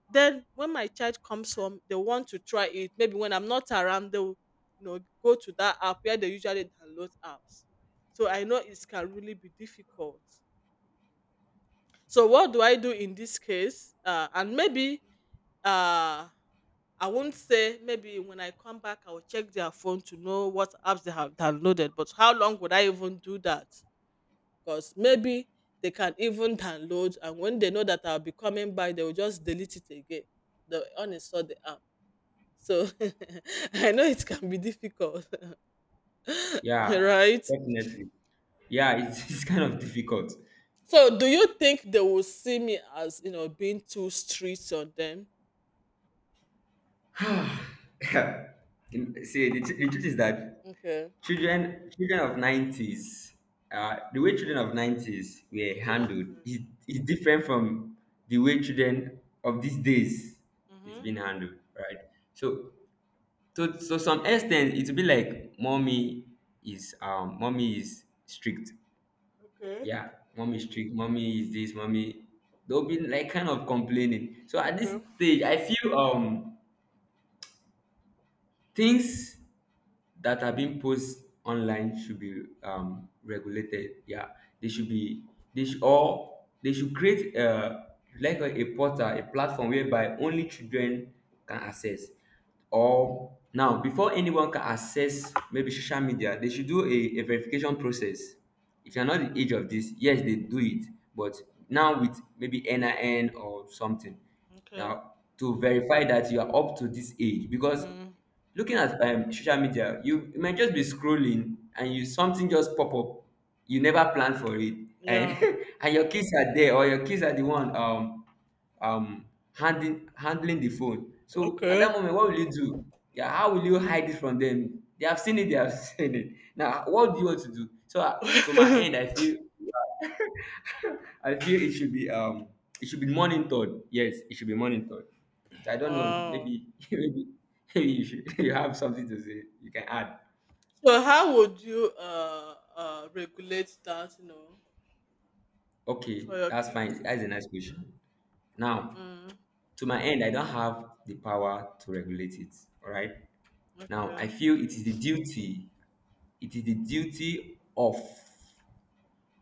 S1: Then when my child comes home, they want to try it. Maybe when I'm not around, they'll, you know, go to that app where they usually download apps. So I know it can really be difficult. So what do I do in this case? And maybe uh, I won't say maybe when I come back I will check their phone to know what apps they have downloaded. But how long would I even do that? Because maybe they can even download, and when they know that I'll be coming back, they will just delete it again. They will uninstall the app. So I know it can be difficult,
S2: Yeah,
S1: right?
S2: definitely. Yeah, it's, it's kind of difficult.
S1: So do you think they will see me as you know being too strict on them?
S2: Yeah. See, the truth is that
S1: Okay.
S2: children of 90s, the way children of 90s were
S1: Seriously.
S2: handled is different from the way children of these days is
S1: Mhm.
S2: being handled, right? So, so some extent, it will be like mommy is, mommy is strict,
S1: Okay.
S2: yeah, mommy is strict, mommy is this, mommy. They'll be like kind of complaining. So at this
S1: Okay.
S2: stage, I feel things that are being posed online should be regulated. Yeah, they should be they should or they should create, like a portal, a platform whereby only children can access. Or now, before anyone can access maybe social media, they should do a verification process. If you're not
S1: Mhm.
S2: the age of this, yes, they do it, but now with maybe NIN or something,
S1: Okay.
S2: now to verify that you are up to this age, because
S1: Mm.
S2: looking at, social media, you might just be scrolling and you something just pop up, you never plan for it, and
S1: Yeah.
S2: and your kids are there, or your kids are the one, um handling the phone. So at
S1: Okay.
S2: that moment, what will you do? Yeah, how will you hide it from them? They have seen it, they have seen it. Now what do you want to do? So, to my end, I feel I feel it should be, it should be monitored. Yes, it should be monitored. So I don't know.
S1: Wow.
S2: Maybe maybe, maybe you should, you have something to say. You can add.
S1: So how would you regulate that, you know,
S2: Okay,
S1: for your
S2: that's fine.
S1: kids?
S2: That's a nice question. Now,
S1: Mm.
S2: to my end, I don't have the power to regulate it. All right. Now, I
S1: Okay.
S2: feel it is the duty. It is the duty of.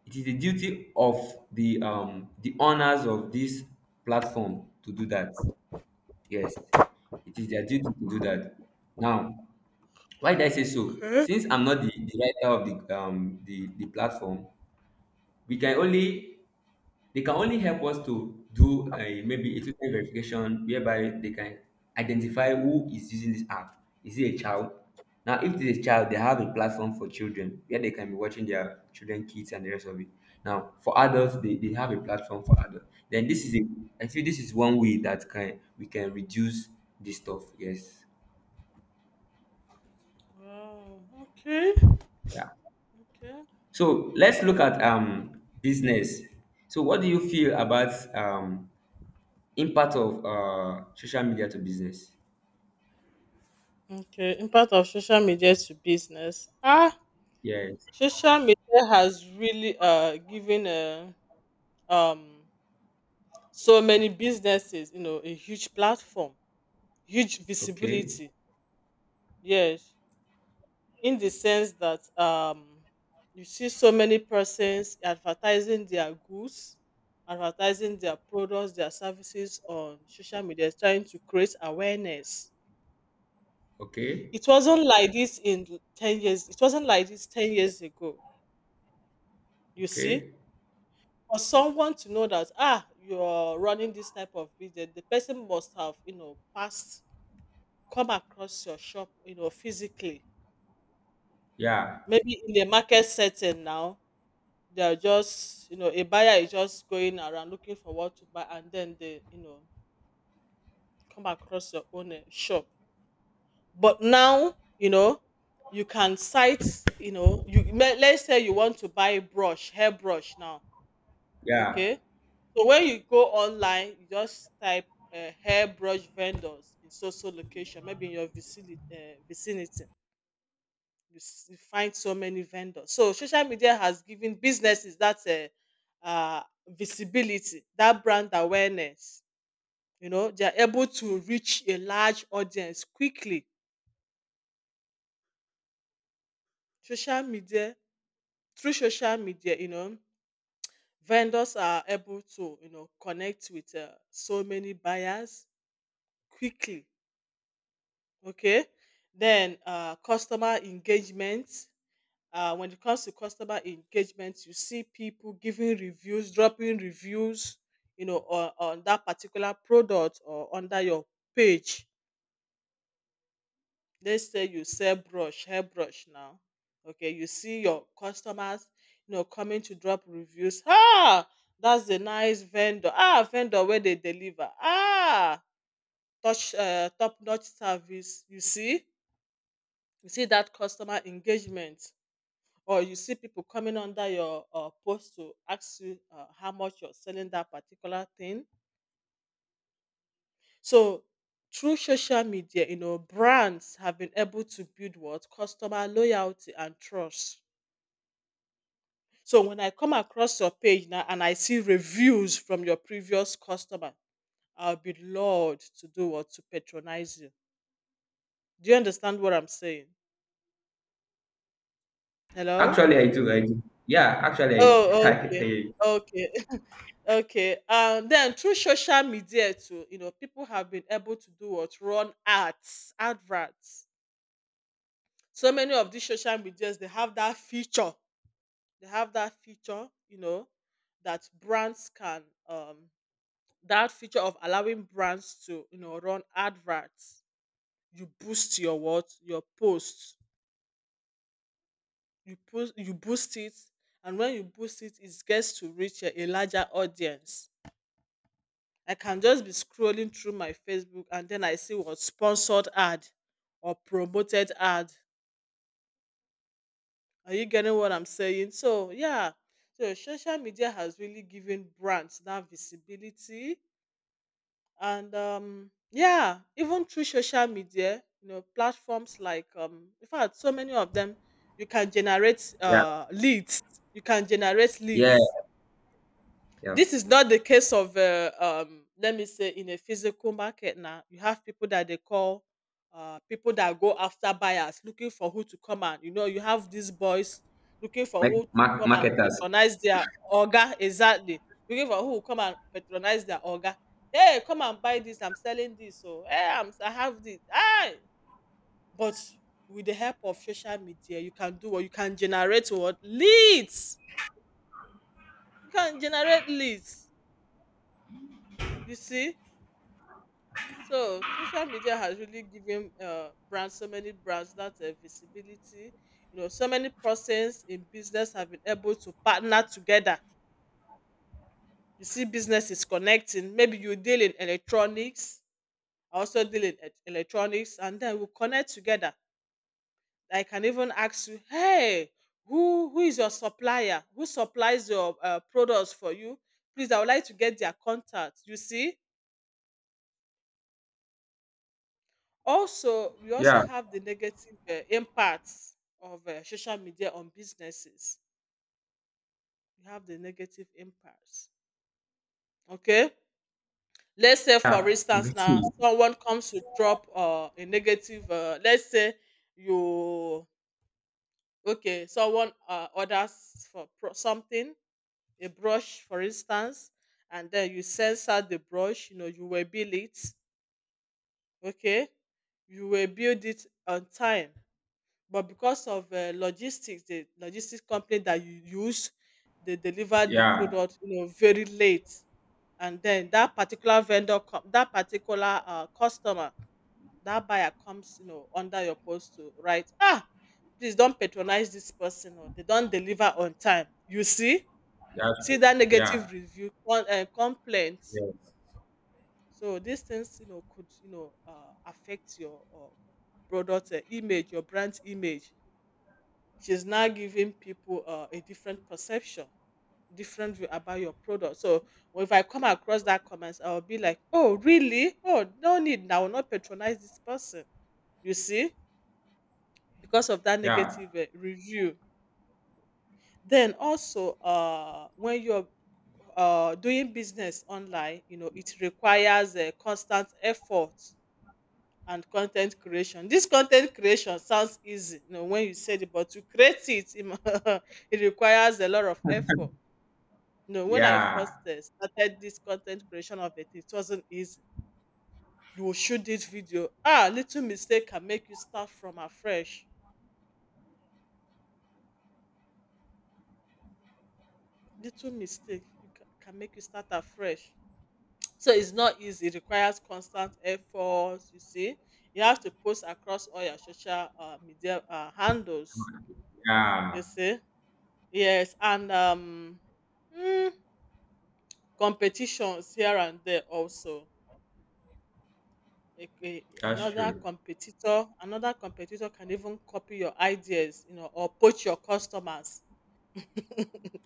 S2: It is the duty of the owners of this platform to do that. Yes, it is their duty to do that. Now, why did I say so?
S1: Okay.
S2: Since I'm not the, the writer of the platform, we can only they can only help us to do maybe a two-time verification whereby they can identify who is using this app. Is it a child? Now, if it's a child, they have a platform for children where they can be watching their children, kids, and the rest of it. Now, for adults, they have a platform for adults. Then this is a I feel this is one way that can we can reduce this stuff. Yes.
S1: Wow. Okay.
S2: Yeah.
S1: Okay.
S2: So
S1: Wow,
S2: let's
S1: that's
S2: look
S1: a
S2: at
S1: nice
S2: business. So what do you feel about impact of social media to business?
S1: Okay. Impact of social media to business. Ah,
S2: Yes.
S1: social media has really given um so many businesses, you know, a huge platform. Huge
S2: Okay.
S1: visibility, yes, in the sense that you see so many persons advertising their goods, advertising their products, their services on social media, trying to create awareness.
S2: Okay.
S1: It wasn't like this in 10 years, it wasn't like this 10 years ago. You see,
S2: Okay.
S1: for someone to know that ah you're running this type of business, the person must have, you know, passed, come across your shop, you know, physically.
S2: Yeah.
S1: Maybe in the market setting now, they are just, you know, a buyer is just going around looking for what to buy and then they, you know, come across your own shop. But now, you know, you can cite, you know, you let's say you want to buy brush, hairbrush now,
S2: Yeah.
S1: okay? So when you go online, you just type hairbrush vendors in social location, maybe in your vicinity, vicinity. You, you find so many vendors. So social media has given businesses that visibility, that brand awareness. You know, they are able to reach a large audience quickly. Social media Through social media, you know, vendors are able to connect with so many buyers quickly. Okay, then customer engagement. When it comes to customer engagement, you see people giving reviews, dropping reviews, you know, on that particular product or under your page. Let's say you sell brush, hairbrush now. Okay, you see your customers, you know, coming to drop reviews. Ah, that's a nice vendor. Ah, vendor where they deliver. Ah, touch top-notch service. You see that customer engagement, or you see people coming under your post to ask you how much you're selling that particular thing. So through social media, you know, brands have been able to build what? Customer loyalty and trust. So when I come across your page now and I see reviews from your previous customer, I'll be lured to do what? To patronize you. Do you understand what I'm saying? Hello?
S2: Actually, I do. I do. Yeah. Actually,
S1: Oh,
S2: I, I can
S1: okay.
S2: hear you.
S1: Okay. Okay. Then through social media too, you know, people have been able to do what? Run ads, adverts. So many of these social medias, they have that feature. They have that feature, you know, that brands can um that feature of allowing brands to, you know, run adverts. You boost your what? Your posts. You boost it. And when you boost it, it gets to reach a larger audience. I can just be scrolling through my Facebook and then I see what? Sponsored ad or promoted ad. Are you getting what I'm saying? So yeah, so social media has really given brands that visibility. And Yeah, even through social media, you know, platforms like in fact, so many of them, you can generate
S2: Yeah.
S1: leads. You can generate
S2: Yeah.
S1: leads.
S2: Yeah.
S1: This is not the case of, let me say, in a physical market now. You have people that they call people that go after buyers, looking for who to come and, you know, you have these boys looking for
S2: Like
S1: who to
S2: mar-
S1: come and
S2: marketers.
S1: patronize their orga. Exactly. Looking for who will come and patronize their orga. Hey, come and buy this. I'm selling this. So, hey, I have this. Hey. But with the help of social media, you can do what? You can generate what? Leads. You can generate leads. You see? So social media has really given brands, so many brands, that visibility. You know, so many persons in business have been able to partner together. You see, business is connecting. Maybe you deal in electronics. I also deal in electronics, and then we connect together. I can even ask you, hey, who is your supplier? Who supplies your products for you? Please, I would like to get their contact. You see, also, we also
S2: Yeah.
S1: have the negative impacts of social media on businesses. We have the negative impacts. Okay. Let's say, for
S2: Yeah. I'm
S1: instance,
S2: getting
S1: now
S2: you.
S1: someone comes to drop a negative. Let's say you okay, someone orders for something, a brush, for instance, and then you censor the brush. You know, you will bill it. Okay, you will build it on time, but because of logistics the logistics company that you use, they deliver the
S2: Yeah.
S1: product, you know, very late, and then that particular customer, that buyer, comes, you know, under your post to write, ah, please don't patronize this person, or they don't deliver on time. You see,
S2: That's
S1: you see
S2: true.
S1: that
S2: Yeah.
S1: negative complaint.
S2: Yes.
S1: So these things, you know, could, you know, affect your product, image, your brand image. She's now giving people a different perception, different view about your product. So if I come across that comments, I'll be like, oh, really? Oh, no need. I will not patronize this person. You see, because of that
S2: Yeah.
S1: negative review. Then also, when you're doing business online, you know, it requires a constant effort and content creation. This content creation sounds easy, you know, when you said it, but to create it, e mu it requires a lot of effort. You know, when I
S2: Yeah.
S1: first started this content creation of it, it wasn't easy. You will shoot this video. Ah, little mistake can make you start from afresh. Little mistake you can make you start afresh. So it's not easy, it requires constant effort. You see. You have to post across all your social media handles, you
S2: Yeah.
S1: see. Yes, and mm, competitions here and there also.
S2: That's true.
S1: Another competitor can even copy your ideas, you know, or poach your customers.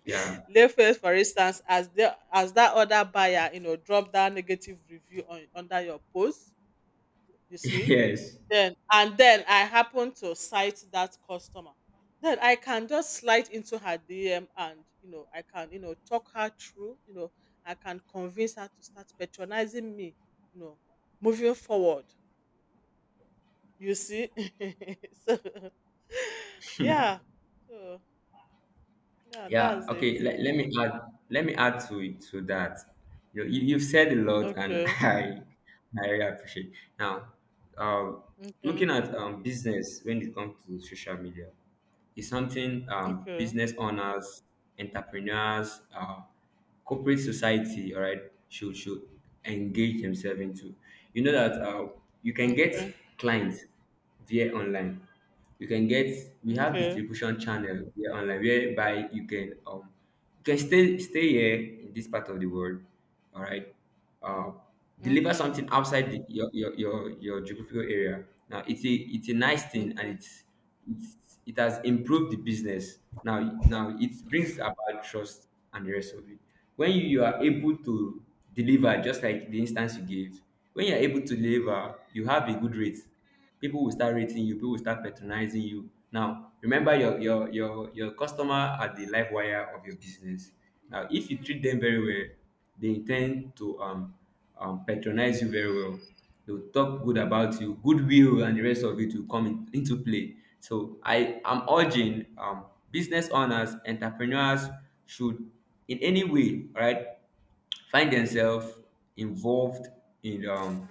S2: Yeah.
S1: Layface, for instance, as the as that other buyer, you know, drop that negative review on under your post, you see,
S2: Yes.
S1: then and then I happen to sight that customer. Then I can just slide into her DM, and you know, I can, you know, talk her through. You know, I can convince her to start patronizing me. You know, moving forward. You see, so yeah, so yeah,
S2: Yeah,
S1: that's it.
S2: okay. Let, let me
S1: Mhm.
S2: add let me add to it to that. You've said a lot, and
S1: Okay,
S2: I really appreciate. Now, um
S1: okay,
S2: looking at business when it comes to social media is something
S1: okay,
S2: business owners, entrepreneurs, corporate society, all right, should engage themselves into. You know that you can get
S1: okay,
S2: clients via online. You can get We have
S1: okay,
S2: distribution channel via online whereby you can stay here in this part of the world, all right. Uh, Deliver
S1: okay,
S2: something outside the, your geographical area. Now it's a nice thing, and
S1: okay.
S2: it has improved the business. Now it brings about trust and the rest of it. When you are able to deliver, just like the instance you gave, when you are able to deliver, you have a good rate. People will start rating you. People will start patronizing you. Now, remember, your customer are the live wire of your business. Now, if you treat them very well, they intend to patronize you very well. They will talk good about you. Goodwill and the rest of it will come in, into play. So I am urging business owners, entrepreneurs, should, in any way, right, find themselves involved in um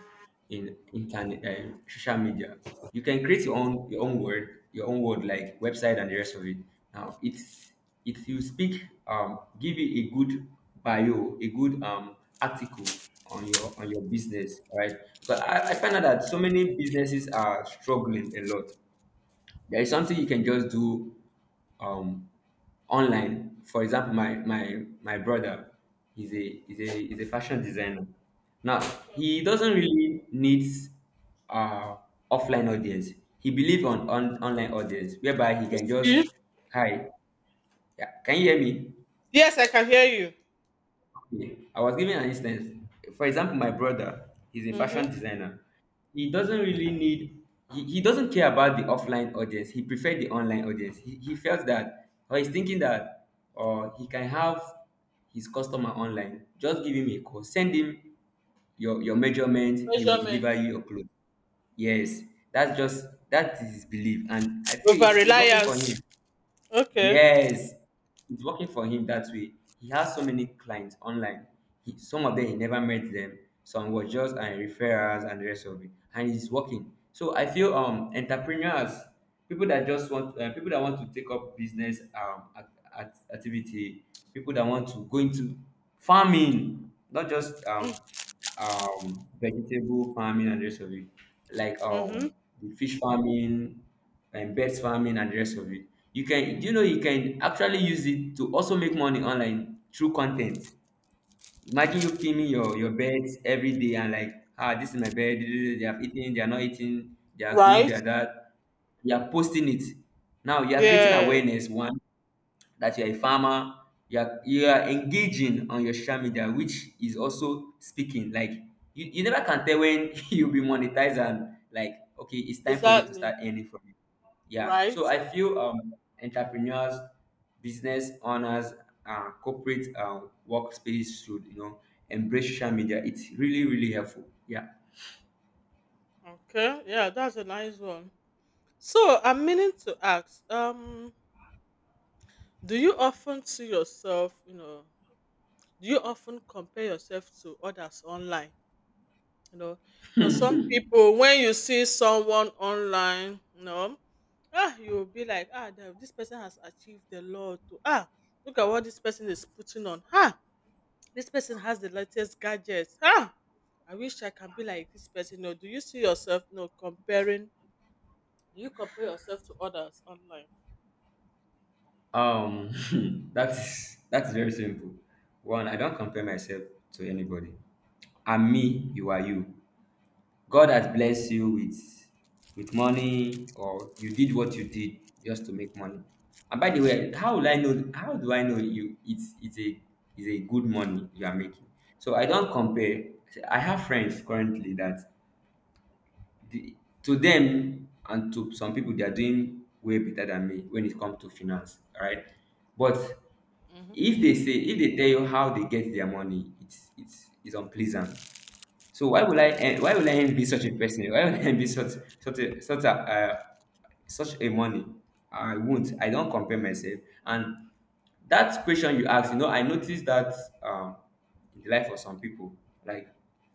S2: in internet social media. You can create your own word like website and the rest of it. Now it's, if you speak, give it a good bio, a good article on your business, right? Because I
S1: Uh,
S2: find out that so many businesses are struggling a lot. There is something you can just do um online. For example, my brother is a fashion designer. Now he doesn't really need uh offline audience. He believes on online audience whereby he
S1: You
S2: can just.
S1: see?
S2: Hi. Yeah, can you hear me?
S1: Yes, I can hear you.
S2: Yeah. I was giving an instance. For example, my brother, he's a
S1: Mm-hmm.
S2: fashion designer. He doesn't really need. He doesn't care about the offline audience. He preferred the online audience. He felt that, or he's thinking that, or he can have his customer online. Just give him a call. Send him your measurement, he will deliver
S1: Measurement.
S2: you your clothes. Yes.
S1: Mm.
S2: That's just, that is his belief. And I feel
S1: Over
S2: it's working for
S1: reliance.
S2: him.
S1: Okay.
S2: Yes, it's working for him that way. He has so many clients online. Some of them he never met them. Some were just and referrals and the rest of it, and it's working. So I feel entrepreneurs, people that just want people that want to take up business at, activity, people that want to go into farming, not just
S1: Mm,
S2: vegetable farming and the rest of it, like
S1: mm-hmm.
S2: the fish farming and birds farming and the rest of it. You can do. You know, you can actually use it to also make money online through content. Imagine you filming your birds every day, and like, ah, this is my bird they have eaten, they are not eating, they are good,
S1: Right.
S2: they are that. You are posting it. Now you are creating
S1: Yeah.
S2: awareness. One, that you are a farmer, you are engaging on your social media, which is also speaking. Like, you never can tell when you'll be monetized, and like, okay, it's time for you to
S1: Exactly.
S2: start earning from it. Yeah.
S1: Right.
S2: So I feel entrepreneurs, business owners, corporate workspace should, embrace social media. It's really, really helpful. Yeah.
S1: Okay. Yeah, that's a nice one. So I'm meaning to ask, do you often see yourself, you know, do you often compare yourself to others online? You know, you know, some people when you see someone online, you know, ah, you'll be like, ah, this person has achieved a lot. To, ah, look at what this person is putting on. Ha. This person has the latest gadgets. Ah, I wish I can be like this person. No, do you see yourself? No, comparing. Do you compare yourself to others online?
S2: Um that's very simple. One, I don't compare myself to anybody. I'm me, you are you. God has blessed you with money, or you did what you did just to make money. And by the way, how will I know, how do I know you, it's a good money you are making? So I don't compare. I have friends currently the, to them and to some people they are doing way better than me when it comes to finance, all right? But
S1: Mm-hmm.
S2: if they tell you how they get their money, it's unpleasant. So why would I
S1: Okay.
S2: envy such a person? Why would I envy such a such a uh, such a money? I won't. I don't compare myself. And that question you asked, I noticed that um, in the life of some people, like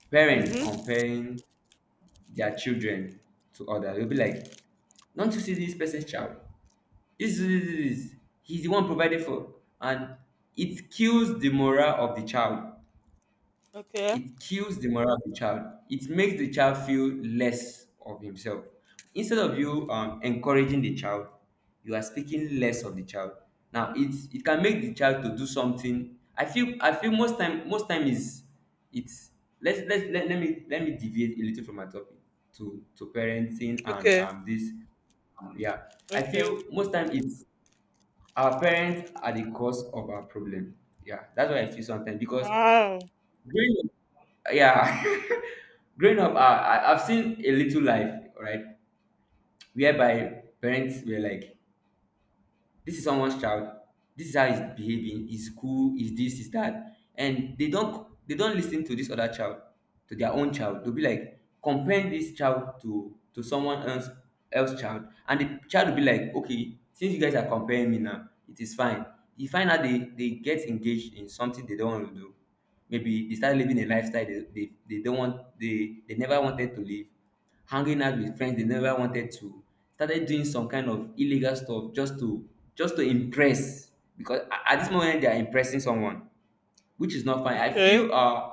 S2: parents
S1: Mhm.
S2: comparing their children to others. They'll be like, "Don't you see this person's child? This is this, this, this. He's the one provided for," and it kills the morale of the child.
S1: Okay.
S2: It kills the morale of the child. It makes the child feel less of himself. Instead of you encouraging the child, you are speaking less of the child. Now it can make the child to do something. I feel most time is it's let's let, let me deviate a little from my topic to parenting and
S1: Okay.
S2: this yeah. I
S1: Okay.
S2: feel most time it's our parents are the cause of our problem. Yeah, that's why I feel sometimes, because
S1: Wow.
S2: growing yeah growing up, I've seen a little life, right? Whereby parents were like, this is someone's child. This is how he's behaving. He's cool. He's this, he's that. And they don't listen to this other child, to their own child. They'll be like, comparing this child to someone else child. And the child will be like, okay, since you guys are comparing me now, it is fine. You find out they get engaged in something they don't want to do. Maybe they start living a lifestyle they don't want, they never wanted to live, hanging out with friends they never wanted to, started doing some kind of illegal stuff just to impress, because at this moment they are impressing someone, which is not fine. I
S1: Okay.
S2: feel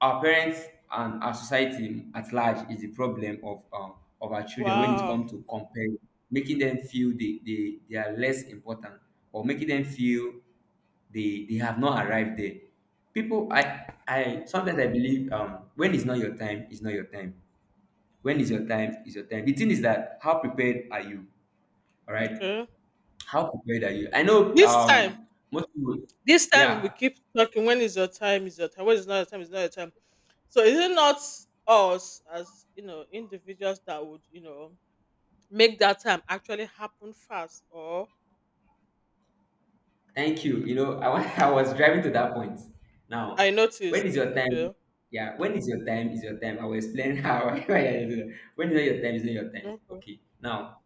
S2: our parents and our society at large is the problem of our children when it
S1: Wow.
S2: comes to comparing, making them feel they are less important, or making them feel they have not arrived there. People, I sometimes I believe when it's not your time, it's not your time, when is your time, is your time. The thing is that, how prepared are you, all right?
S1: Okay.
S2: How prepared are you? I know
S1: This time,
S2: most people.
S1: this time we
S2: Yeah.
S1: keep talking. When is your time? Is your time? When is not your time? Is not your time? So is it not us, as you know, individuals that would, you know, make that time actually happen fast or?
S2: Thank you. You know I was driving to that point. Now,
S1: I
S2: when
S1: noticed.
S2: is your time?
S1: Okay.
S2: Yeah. When is your time, is your time. I will explain how Why I do that. When is not your time is not your time.
S1: Okay.
S2: Okay, now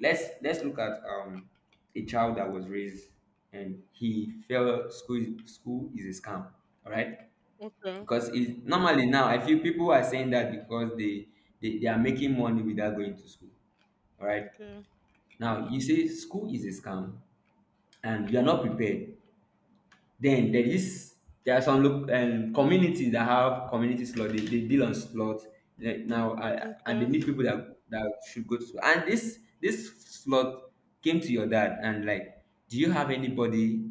S2: let's look at a child that was raised, and he felt school — school is a scam, all right?
S1: Okay.
S2: Because it normally — now I feel people are saying that because they are making money without going to school, all right?
S1: Okay.
S2: Now you say school is a scam and you are not prepared. Then there are some communities that have community slot. They deal on slot, like now. And they
S1: Okay.
S2: need people that should go to school, and this slot came to your dad and like, do you have anybody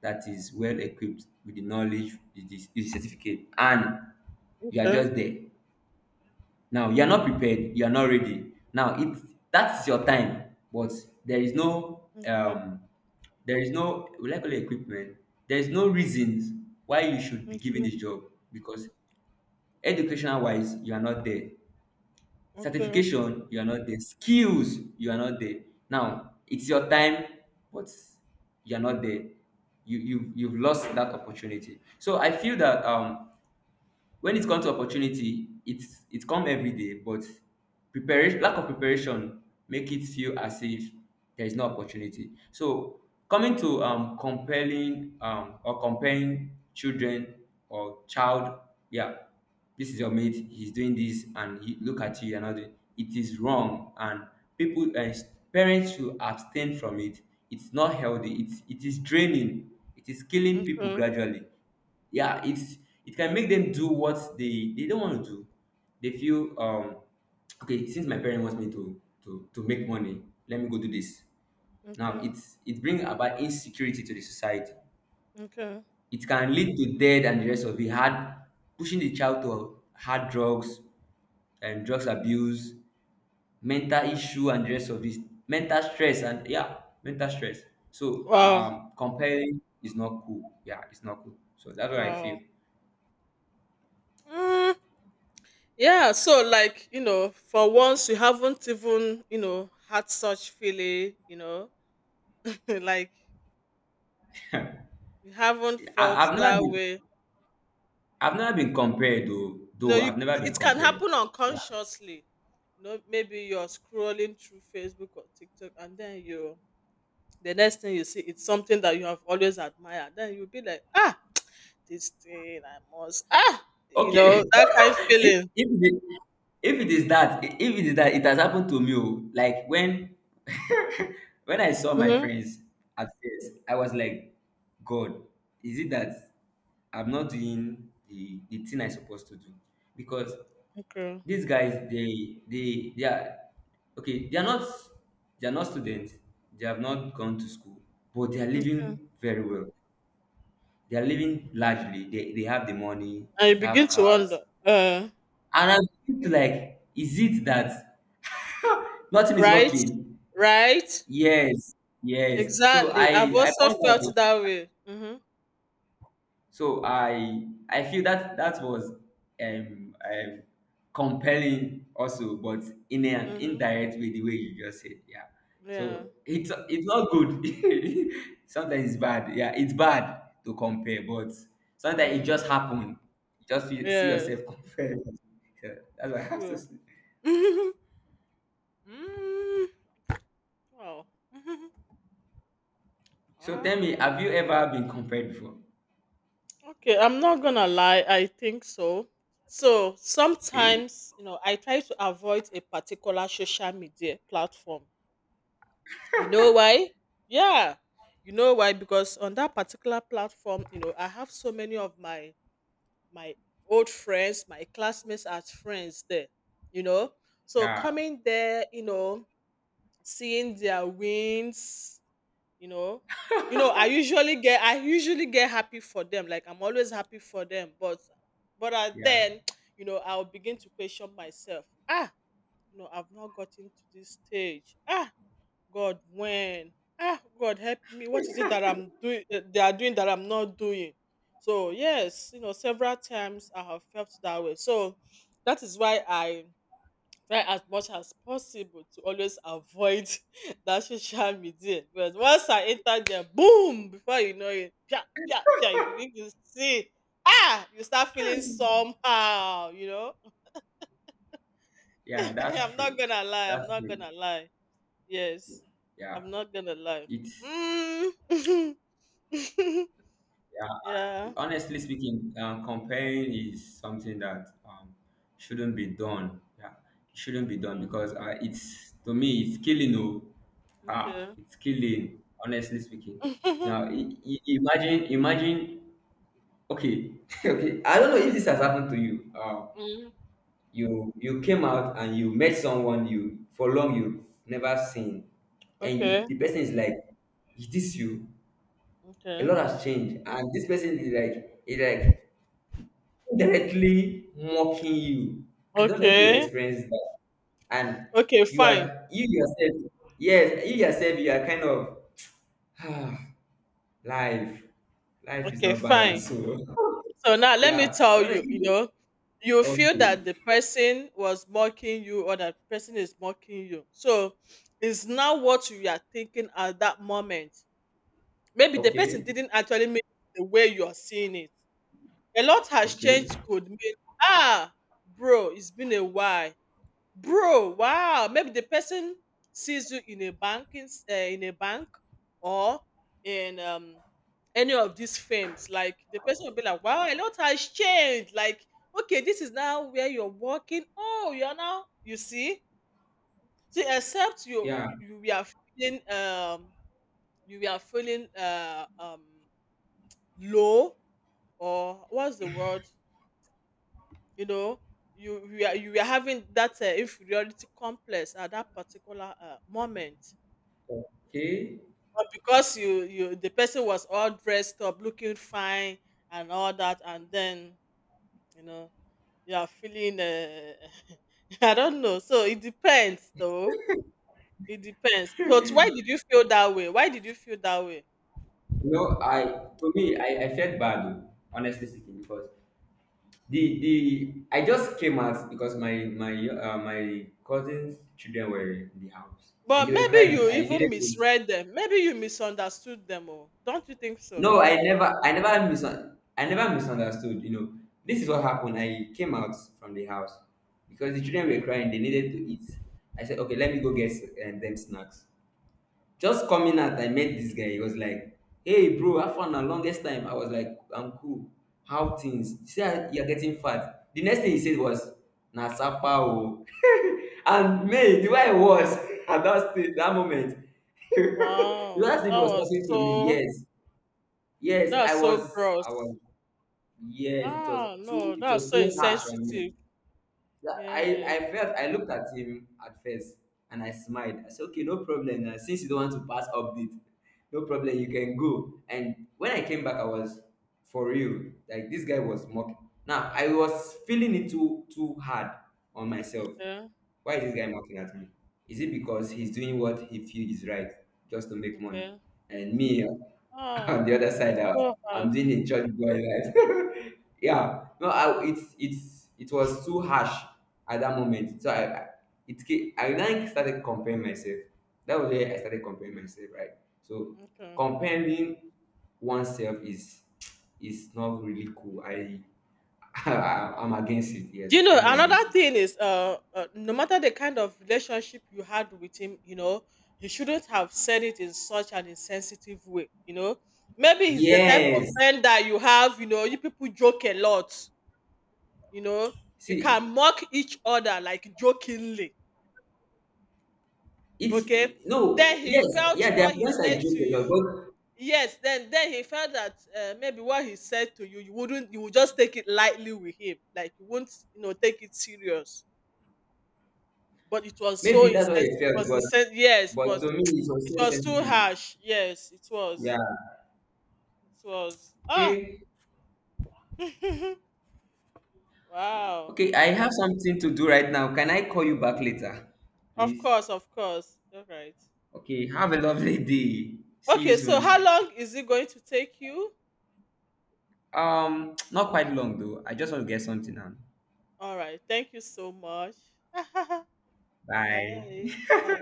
S2: that is well equipped with the knowledge, with the certificate? And you are
S1: Okay.
S2: just there. Now you are not prepared, you are not ready. Now it — that's your time, but there is no there is no, will I call it, equipment. There is no reasons why you should be given
S1: Okay.
S2: this job, because educational wise you are not there.
S1: Okay. Okay.
S2: Certification you are not there. Skills you are not there. Now it's your time, but you are not there. You've lost that opportunity. So I feel that when it comes to opportunity, it's — it come everyday, but preparation — lack of preparation — make it feel as if there is no opportunity. So coming to compelling, or comparing children or child, yeah, this is your mate, he's doing this, and he look at you, you're not doing it, is wrong. And people and parents should abstain from it. It's not healthy, it is draining, it is killing people
S1: Okay.
S2: gradually, yeah. It's — it can make them do what they don't want to do. They feel okay, since my parent wants me to to make money, let me go do this. Now
S1: Okay.
S2: it's — it brings about insecurity to the society.
S1: Okay.
S2: It can lead to death and the rest of it. Hard — pushing the child to hard drugs and drugs abuse, mental issue and the rest of it, mental stress. And yeah, mental stress. So
S1: Wow.
S2: comparing is not cool, yeah, it's not cool. So that's what I
S1: Wow.
S2: feel.
S1: Mm, yeah. So, like, you know, for once, you haven't even, you know, had such feeling, you know, like you haven't
S2: I,
S1: felt
S2: i've never
S1: that
S2: been
S1: way.
S2: I've never been compared though.
S1: You know,
S2: Though
S1: you
S2: I've never been
S1: It can
S2: compared.
S1: happen
S2: Yeah.
S1: unconsciously. You know, maybe you're scrolling through Facebook or TikTok, and then you the next thing you see, it's something that you have always admired. Then you'll be like, ah, this thing I must, ah, you
S2: Okay.
S1: know, that kind of
S2: if,
S1: feeling.
S2: if, it, if it is that, it has happened to me. Oh. Like when when I saw my
S1: Hmm.
S2: friends, at first I was like, God, is it that I'm not doing the thing I'm supposed to do? Because
S1: Okay.
S2: these guys, they are — okay, they are not — they are not students, they have not gone to school, but they are
S1: Okay.
S2: living very well. They are living largely. They have the money,
S1: And you
S2: they
S1: begin
S2: have
S1: to
S2: cars.
S1: wonder, uh,
S2: And I'm like, is it that nothing is
S1: right?
S2: working?
S1: Right?
S2: Yes, yes. So
S1: Exactly.
S2: I
S1: I've
S2: I
S1: also
S2: point
S1: felt
S2: out.
S1: that way. Mm-hmm.
S2: So I feel that that was um, um compelling also, but in an
S1: Mm-hmm.
S2: indirect way, the way you just said, yeah.
S1: Yeah.
S2: So it's not good. Sometimes it's bad. Yeah, it's bad to compare, but sometimes it
S1: Mm.
S2: just happened. You — just you see
S1: Yes.
S2: yourself compared. Yeah, that's what I have to
S1: True.
S2: say.
S1: Mm. Wow.
S2: So tell me,
S1: Ah.
S2: have you ever been compared before?
S1: Okay, I'm not gonna lie, I think so. So
S2: Okay.
S1: sometimes, you know, I try to avoid a particular social media platform. You know why? Yeah. You know why? Because on that particular platform, you know, I have so many of my my old friends, my classmates as friends there, you know. So
S2: Yeah,
S1: coming there, you know, seeing their wins, you know, I usually get happy for them, like I'm always happy for them, but I,
S2: yeah,
S1: then you know, I'll begin to question myself. Ah, you know, I've not gotten to this stage. Ah, God, when? Ah, God, help me. What is it that I'm doing that they are doing that I'm not doing? So yes, you know, several times I have felt that way. So that is why I try as much as possible to always avoid that social media, because once I enter there, boom, before you know it, pia, pia, pia, you begin to see. Ah, you start feeling somehow, you know.
S2: yeah. That's
S1: I'm
S2: true.
S1: not gonna lie, I'm
S2: That's
S1: not
S2: true.
S1: gonna lie. Yes,
S2: Yeah,
S1: I'm not gonna lie.
S2: it's
S1: Mm.
S2: yeah.
S1: Yeah.
S2: Honestly speaking, comparing is something that, shouldn't be done. Yeah, it shouldn't be done,
S1: Okay.
S2: because it's — to me it's killing. Oh, ah, it's killing. Honestly speaking,
S1: Okay.
S2: now imagine, imagine. Okay, okay. I don't know if this has happened to you.
S1: Mm.
S2: You — you came out and you met someone you for long you never seen, and you —
S1: Okay.
S2: the person is like, is this you? A
S1: Okay.
S2: lot has changed, and this person is like, directly mocking you. I don't know if you've
S1: Okay.
S2: experienced that. And
S1: Okay, fine.
S2: you yourself, yes, you yourself, you are kind of ah, life. Life is
S1: Okay,
S2: not
S1: fine.
S2: balanced. So
S1: So now let me
S2: yeah. I
S1: tell
S2: don't know
S1: you, you
S2: if —
S1: know, you feel
S2: okay.
S1: that the person was mocking you, or that person is mocking you. So it's not what you are thinking at that moment. Maybe the person
S2: Okay.
S1: didn't actually mean it the way you are seeing it. A lot has
S2: Okay.
S1: changed could mean, ah, bro, it's been a while. Bro, wow. Maybe the person sees you in a in a bank, or in any of these firms. Like the person will be like, "Wow, a lot has changed." Like, okay, this is now where you're working. Oh, you're now. You see, see, except
S2: Yeah.
S1: feeling um you were feeling low, or what's the word, you know, you were having that inferiority complex at that particular moment.
S2: Okay.
S1: But because you the person was all dressed up, looking fine and all that, and then, you know, you are feeling I don't know. So it depends, though. It depends. But why did you feel that way? Why did you feel that way?
S2: You know, I to me I felt bad though, honestly speaking, because the I just came out because my cousins' children were in the house and
S1: But
S2: they were
S1: maybe
S2: crying.
S1: you
S2: I
S1: even
S2: needed to.
S1: misread them. Maybe you misunderstood them. Oh, don't you think so?
S2: No, I never misunderstood. You know, this is what happened. I came out from the house because the children were
S1: Okay.
S2: crying. They needed to eat. I said, okay, let me go get them snacks. Just coming
S1: Okay.
S2: out, I met this guy. He was like, hey, bro, I found the longest time. I was like, I'm cool. How things? You see, how you're getting fat. The next thing he said was, Nasapa. O." And me, the way I was at that stage, that moment, it was
S1: Wow,
S2: as if he
S1: that
S2: was
S1: was
S2: talking to me.
S1: so
S2: Yes, yes,
S1: that's so gross.
S2: I was, yes,
S1: Ah, no,
S2: it
S1: that's
S2: was
S1: so
S2: too harsh on me.
S1: insensitive.
S2: That—
S1: Yeah.
S2: I felt — I looked at him at first and I smiled. I said, okay, no problem. Since you don't want to pass update, no problem, you can go. And when I came back, I was — for real. Like this guy was mocking. Now I was feeling it too hard on myself.
S1: Okay.
S2: Why is this guy mocking at me? Is it because he's doing what he feels is right just to make money?
S1: Okay.
S2: And me,
S1: Ah,
S2: on the other
S1: it was
S2: side,
S1: so
S2: I'm doing
S1: harsh.
S2: a church boy life. Yeah, no, it's — it was too harsh at that moment. So I I then started comparing myself. That was where I started comparing myself, right? So
S1: Okay.
S2: comparing oneself is — is not really cool. I'm against it.
S1: Do you
S2: Yes, I'm
S1: know
S2: really
S1: another
S2: against it.
S1: thing is no matter the kind of relationship you had with him, you know, you shouldn't have said it in such an insensitive way, you know. Maybe he's the type of
S2: Yes,
S1: friend that you have, you know, you people joke a lot, you know. You
S2: see,
S1: can mock each other like jokingly.
S2: it's
S1: Okay. Then
S2: no,
S1: he
S2: yes,
S1: felt
S2: yeah, there are
S1: what he
S2: times I
S1: said to
S2: joke a lot,
S1: you.
S2: but
S1: Yes, then he felt that maybe what he said to you, you wouldn't, you would just take it lightly with him, like you won't, you know, take it serious. But it was so
S2: maybe that's what it
S1: insensitive. It
S2: felt,
S1: was
S2: but —
S1: insensitive. Yes,
S2: but
S1: but
S2: to me it was
S1: it
S2: so
S1: was too
S2: sensitive.
S1: harsh. Yes, it was.
S2: Yeah.
S1: It was. Ah,
S2: Okay.
S1: wow.
S2: Okay, I have something to do right now. Can I call you back later?
S1: Of
S2: Please.
S1: course, of course. All right.
S2: Okay, have a lovely day. See you
S1: Okay. So how
S2: soon.
S1: long is it going to take you?
S2: Not quite long though. I just want to get something on.
S1: All right. Thank you so much.
S2: Bye.
S1: Bye. Bye.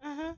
S1: Uh-huh.